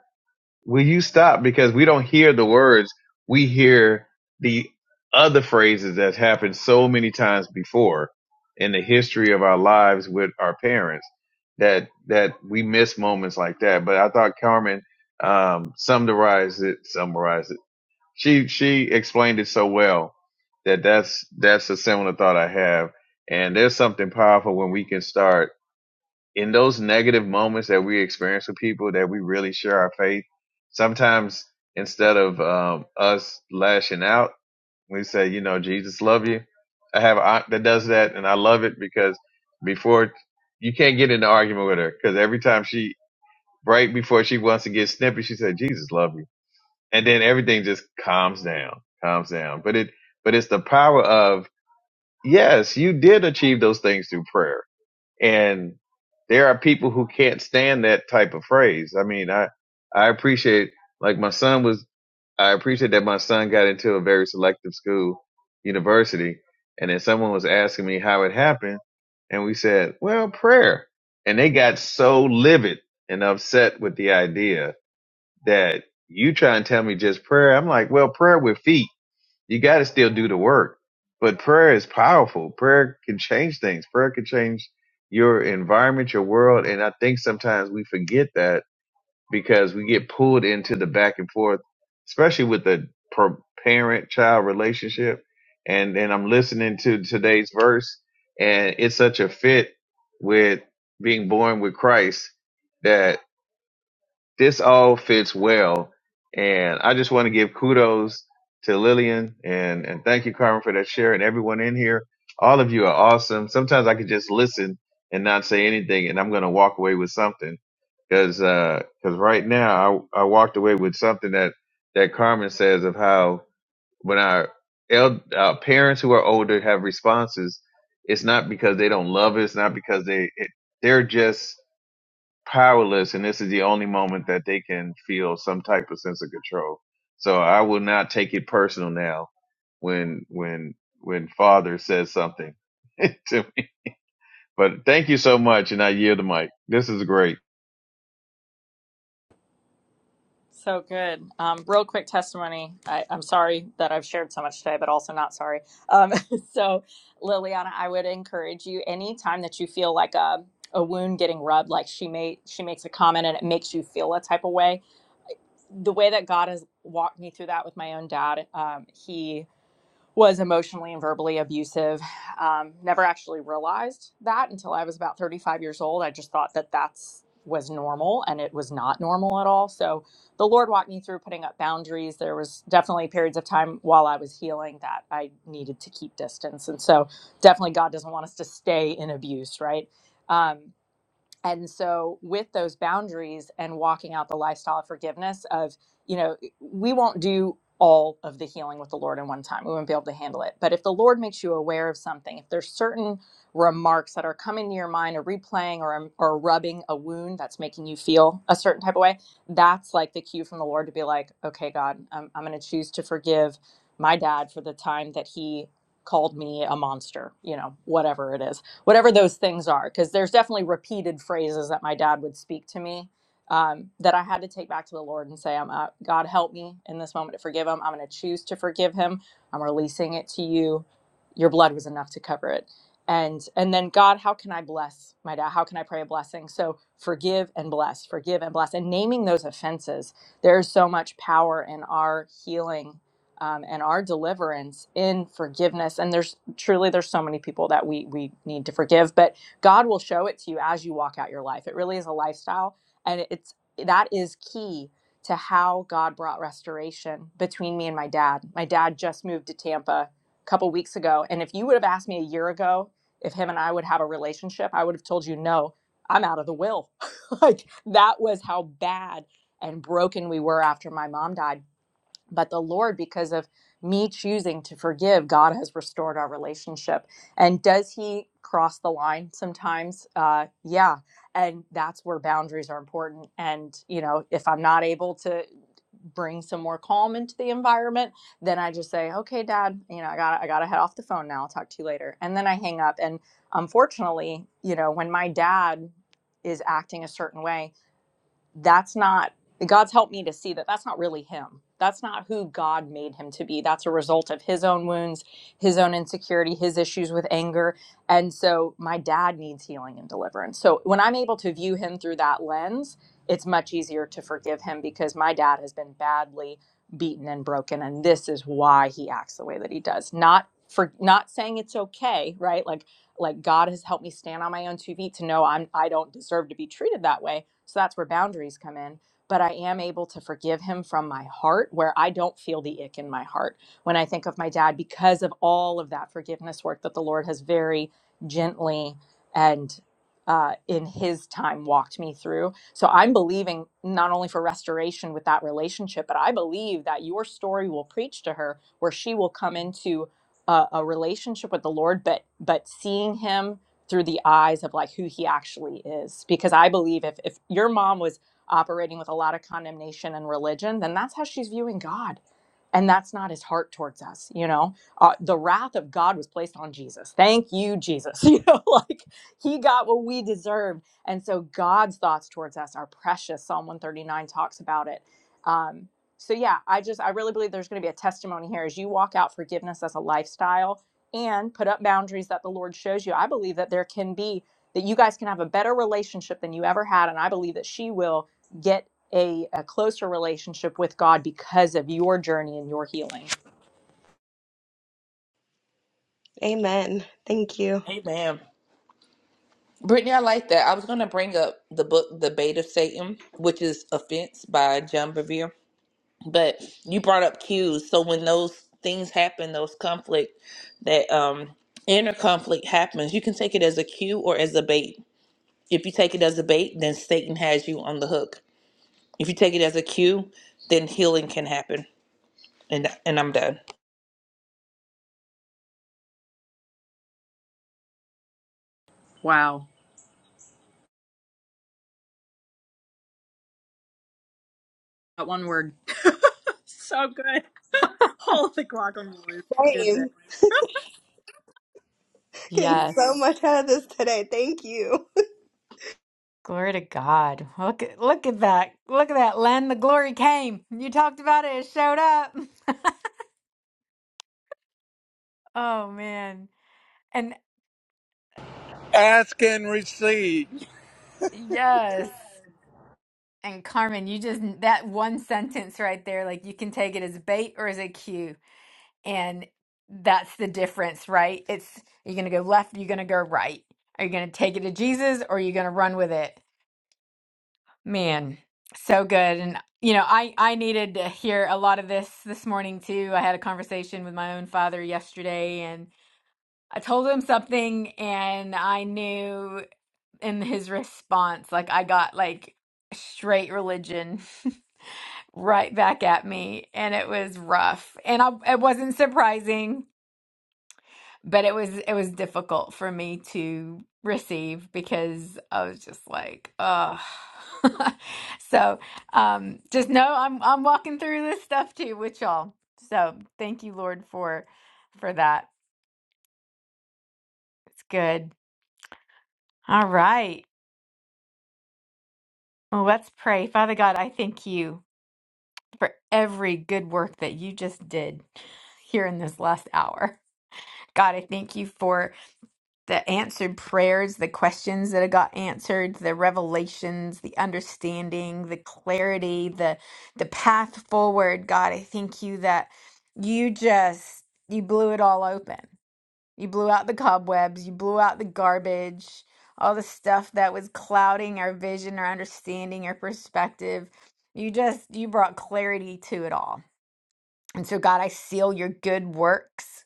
Speaker 8: Will you stop? Because we don't hear the words. We hear the other phrases that's happened so many times before in the history of our lives with our parents that that we miss moments like that. But I thought Carmen um, summarized it. Summarized it. She she explained it so well that that's that's a similar thought I have. And there's something powerful when we can start in those negative moments that we experience with people that we really share our faith, sometimes instead of um, us lashing out, we say, you know, Jesus love you. I have an aunt that does that, and I love it because before you can't get in an argument with her because every time she right before she wants to get snippy, she said, Jesus love you, and then everything just calms down, calms down. But it, but it's the power of yes, you did achieve those things through prayer and there are people who can't stand that type of phrase. I mean, I I appreciate like my son was I appreciate that my son got into a very selective school, university, and then someone was asking me how it happened, and we said, "Well, prayer." And they got so livid and upset with the idea that you try and tell me just prayer. I'm like, "Well, prayer with feet." You got to still do the work. But prayer is powerful. Prayer can change things. Prayer can change your environment, your world. And I think sometimes we forget that because we get pulled into the back and forth, especially with the parent child relationship. And, and I'm listening to today's verse and it's such a fit with being born with Christ that this all fits well. And I just want to give kudos to Lillian and, and thank you, Carmen, for that share and everyone in here. All of you are awesome. Sometimes I could just listen and not say anything and I'm going to walk away with something because, cause uh, right now I, I walked away with something that, that Carmen says of how when our, el- our parents who are older have responses, it's not because they don't love us, not because they, it, they're just powerless, and this is the only moment that they can feel some type of sense of control. So I will not take it personal now when when when Father says something to me. But thank you so much, and I yield the mic. This is great.
Speaker 4: So good. Um, real quick testimony. I, I'm sorry that I've shared so much today, but also not sorry. Um, so, Liliana, I would encourage you anytime that you feel like a a wound getting rubbed, like she made she makes a comment and it makes you feel a type of way. The way that God has walked me through that with my own dad, um, he was emotionally and verbally abusive. Um, never actually realized that until I was about 35 years old. I just thought that that's was normal and it was not normal at all. So the Lord walked me through putting up boundaries. There was definitely periods of time while I was healing that I needed to keep distance. And so definitely God doesn't want us to stay in abuse, right? Um, and so with those boundaries and walking out the lifestyle of forgiveness of you know eh, we won't do all of the healing with the lord in one time we won't be able to handle it but if the lord makes you aware of something if there's certain remarks that are coming to your mind or replaying or, or rubbing a wound that's making you feel a certain type of way that's like the cue from the lord to be like okay god i'm, I'm going to choose to forgive my dad for the time that he called me a monster you know whatever it is whatever those things are because there's definitely repeated phrases that my dad would speak to me um, that i had to take back to the lord and say i'm uh, god help me in this moment to forgive him i'm going to choose to forgive him i'm releasing it to you your blood was enough to cover it and and then god how can i bless my dad how can i pray a blessing so forgive and bless forgive and bless and naming those offenses there's so much power in our healing um, and our deliverance in forgiveness and there's truly there's so many people that we we need to forgive but god will show it to you as you walk out your life it really is a lifestyle and it's that is key to how god brought restoration between me and my dad my dad just moved to tampa a couple weeks ago and if you would have asked me a year ago if him and i would have a relationship i would have told you no i'm out of the will like that was how bad and broken we were after my mom died but the lord because of me choosing to forgive god has restored our relationship and does he cross the line sometimes uh yeah and that's where boundaries are important and you know if i'm not able to bring some more calm into the environment then i just say okay dad you know i gotta i gotta head off the phone now i'll talk to you later and then i hang up and unfortunately you know when my dad is acting a certain way that's not God's helped me to see that that's not really him. That's not who God made him to be. That's a result of his own wounds, his own insecurity, his issues with anger. And so my dad needs healing and deliverance. So when I'm able to view him through that lens, it's much easier to forgive him because my dad has been badly beaten and broken and this is why he acts the way that he does. Not for not saying it's okay, right? Like like God has helped me stand on my own two feet to know I'm I don't deserve to be treated that way. So that's where boundaries come in. But I am able to forgive him from my heart where I don't feel the ick in my heart when I think of my dad because of all of that forgiveness work that the Lord has very gently and uh, in his time walked me through. So I'm believing not only for restoration with that relationship, but I believe that your story will preach to her where she will come into a, a relationship with the Lord, but but seeing Him through the eyes of like who He actually is. Because I believe if if your mom was operating with a lot of condemnation and religion, then that's how she's viewing God, and that's not His heart towards us. You know, uh, the wrath of God was placed on Jesus. Thank you, Jesus. You know, like He got what we deserved, and so God's thoughts towards us are precious. Psalm one thirty nine talks about it. Um, so yeah, I just I really believe there's going to be a testimony here as you walk out forgiveness as a lifestyle and put up boundaries that the Lord shows you. I believe that there can be that you guys can have a better relationship than you ever had and I believe that she will get a, a closer relationship with God because of your journey and your healing.
Speaker 3: Amen. Thank you.
Speaker 7: Amen. Brittany, I like that. I was going to bring up the book, The Bait of Satan, which is Offense by John Bevere. But you brought up cues. So when those things happen, those conflict, that um, inner conflict happens, you can take it as a cue or as a bait. If you take it as a bait, then Satan has you on the hook. If you take it as a cue, then healing can happen. And, and I'm done.
Speaker 4: Wow. That one word. so good. Holy guacamole. Good day.
Speaker 3: Same. Getting so
Speaker 1: Yes.
Speaker 3: much out of this today. Thank you.
Speaker 1: Glory to God. Look at look at that. Look at that, Len. The glory came. You talked about it. It showed up. Oh man. And
Speaker 2: Ask and receive.
Speaker 1: yes. And Carmen, you just that one sentence right there, like you can take it as bait or as a cue. And that's the difference, right? It's you're gonna go left, you're gonna go right. Are you gonna take it to Jesus or are you gonna run with it? Man, so good. And you know, I I needed to hear a lot of this this morning too. I had a conversation with my own father yesterday and I told him something and I knew in his response like I got like straight religion right back at me and it was rough. And I it wasn't surprising but it was it was difficult for me to receive because I was just like, oh. So, um, just know I'm I'm walking through this stuff too with y'all. So, thank you, Lord, for for that. It's good. All right. Well, let's pray. Father God, I thank you for every good work that you just did here in this last hour. God, I thank you for the answered prayers, the questions that got answered, the revelations, the understanding, the clarity, the the path forward. God, I thank you that you just you blew it all open. You blew out the cobwebs, you blew out the garbage, all the stuff that was clouding our vision, our understanding, our perspective. You just you brought clarity to it all. And so God, I seal your good works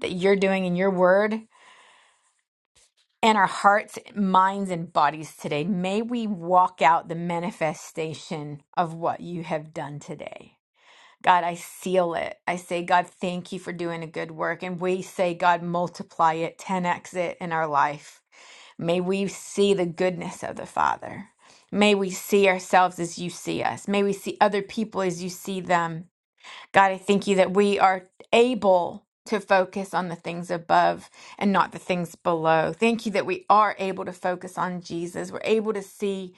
Speaker 1: that you're doing in your word and our hearts, minds, and bodies today. May we walk out the manifestation of what you have done today. God, I seal it. I say, God, thank you for doing a good work. And we say, God, multiply it, 10x it in our life. May we see the goodness of the Father. May we see ourselves as you see us. May we see other people as you see them. God, I thank you that we are able to focus on the things above and not the things below. Thank you that we are able to focus on Jesus. We're able to see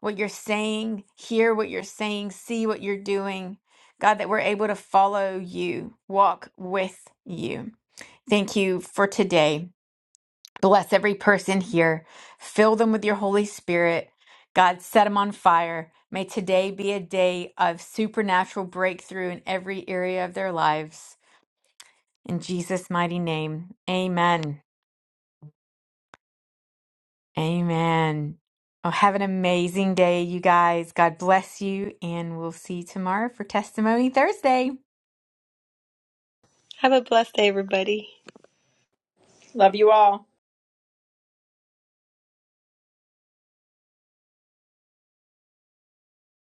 Speaker 1: what you're saying, hear what you're saying, see what you're doing. God, that we're able to follow you, walk with you. Thank you for today. Bless every person here. Fill them with your Holy Spirit. God, set them on fire. May today be a day of supernatural breakthrough in every area of their lives. In Jesus' mighty name, amen. Amen. Oh, have an amazing day, you guys. God bless you, and we'll see you tomorrow for Testimony Thursday.
Speaker 3: Have a blessed day, everybody.
Speaker 4: Love you all.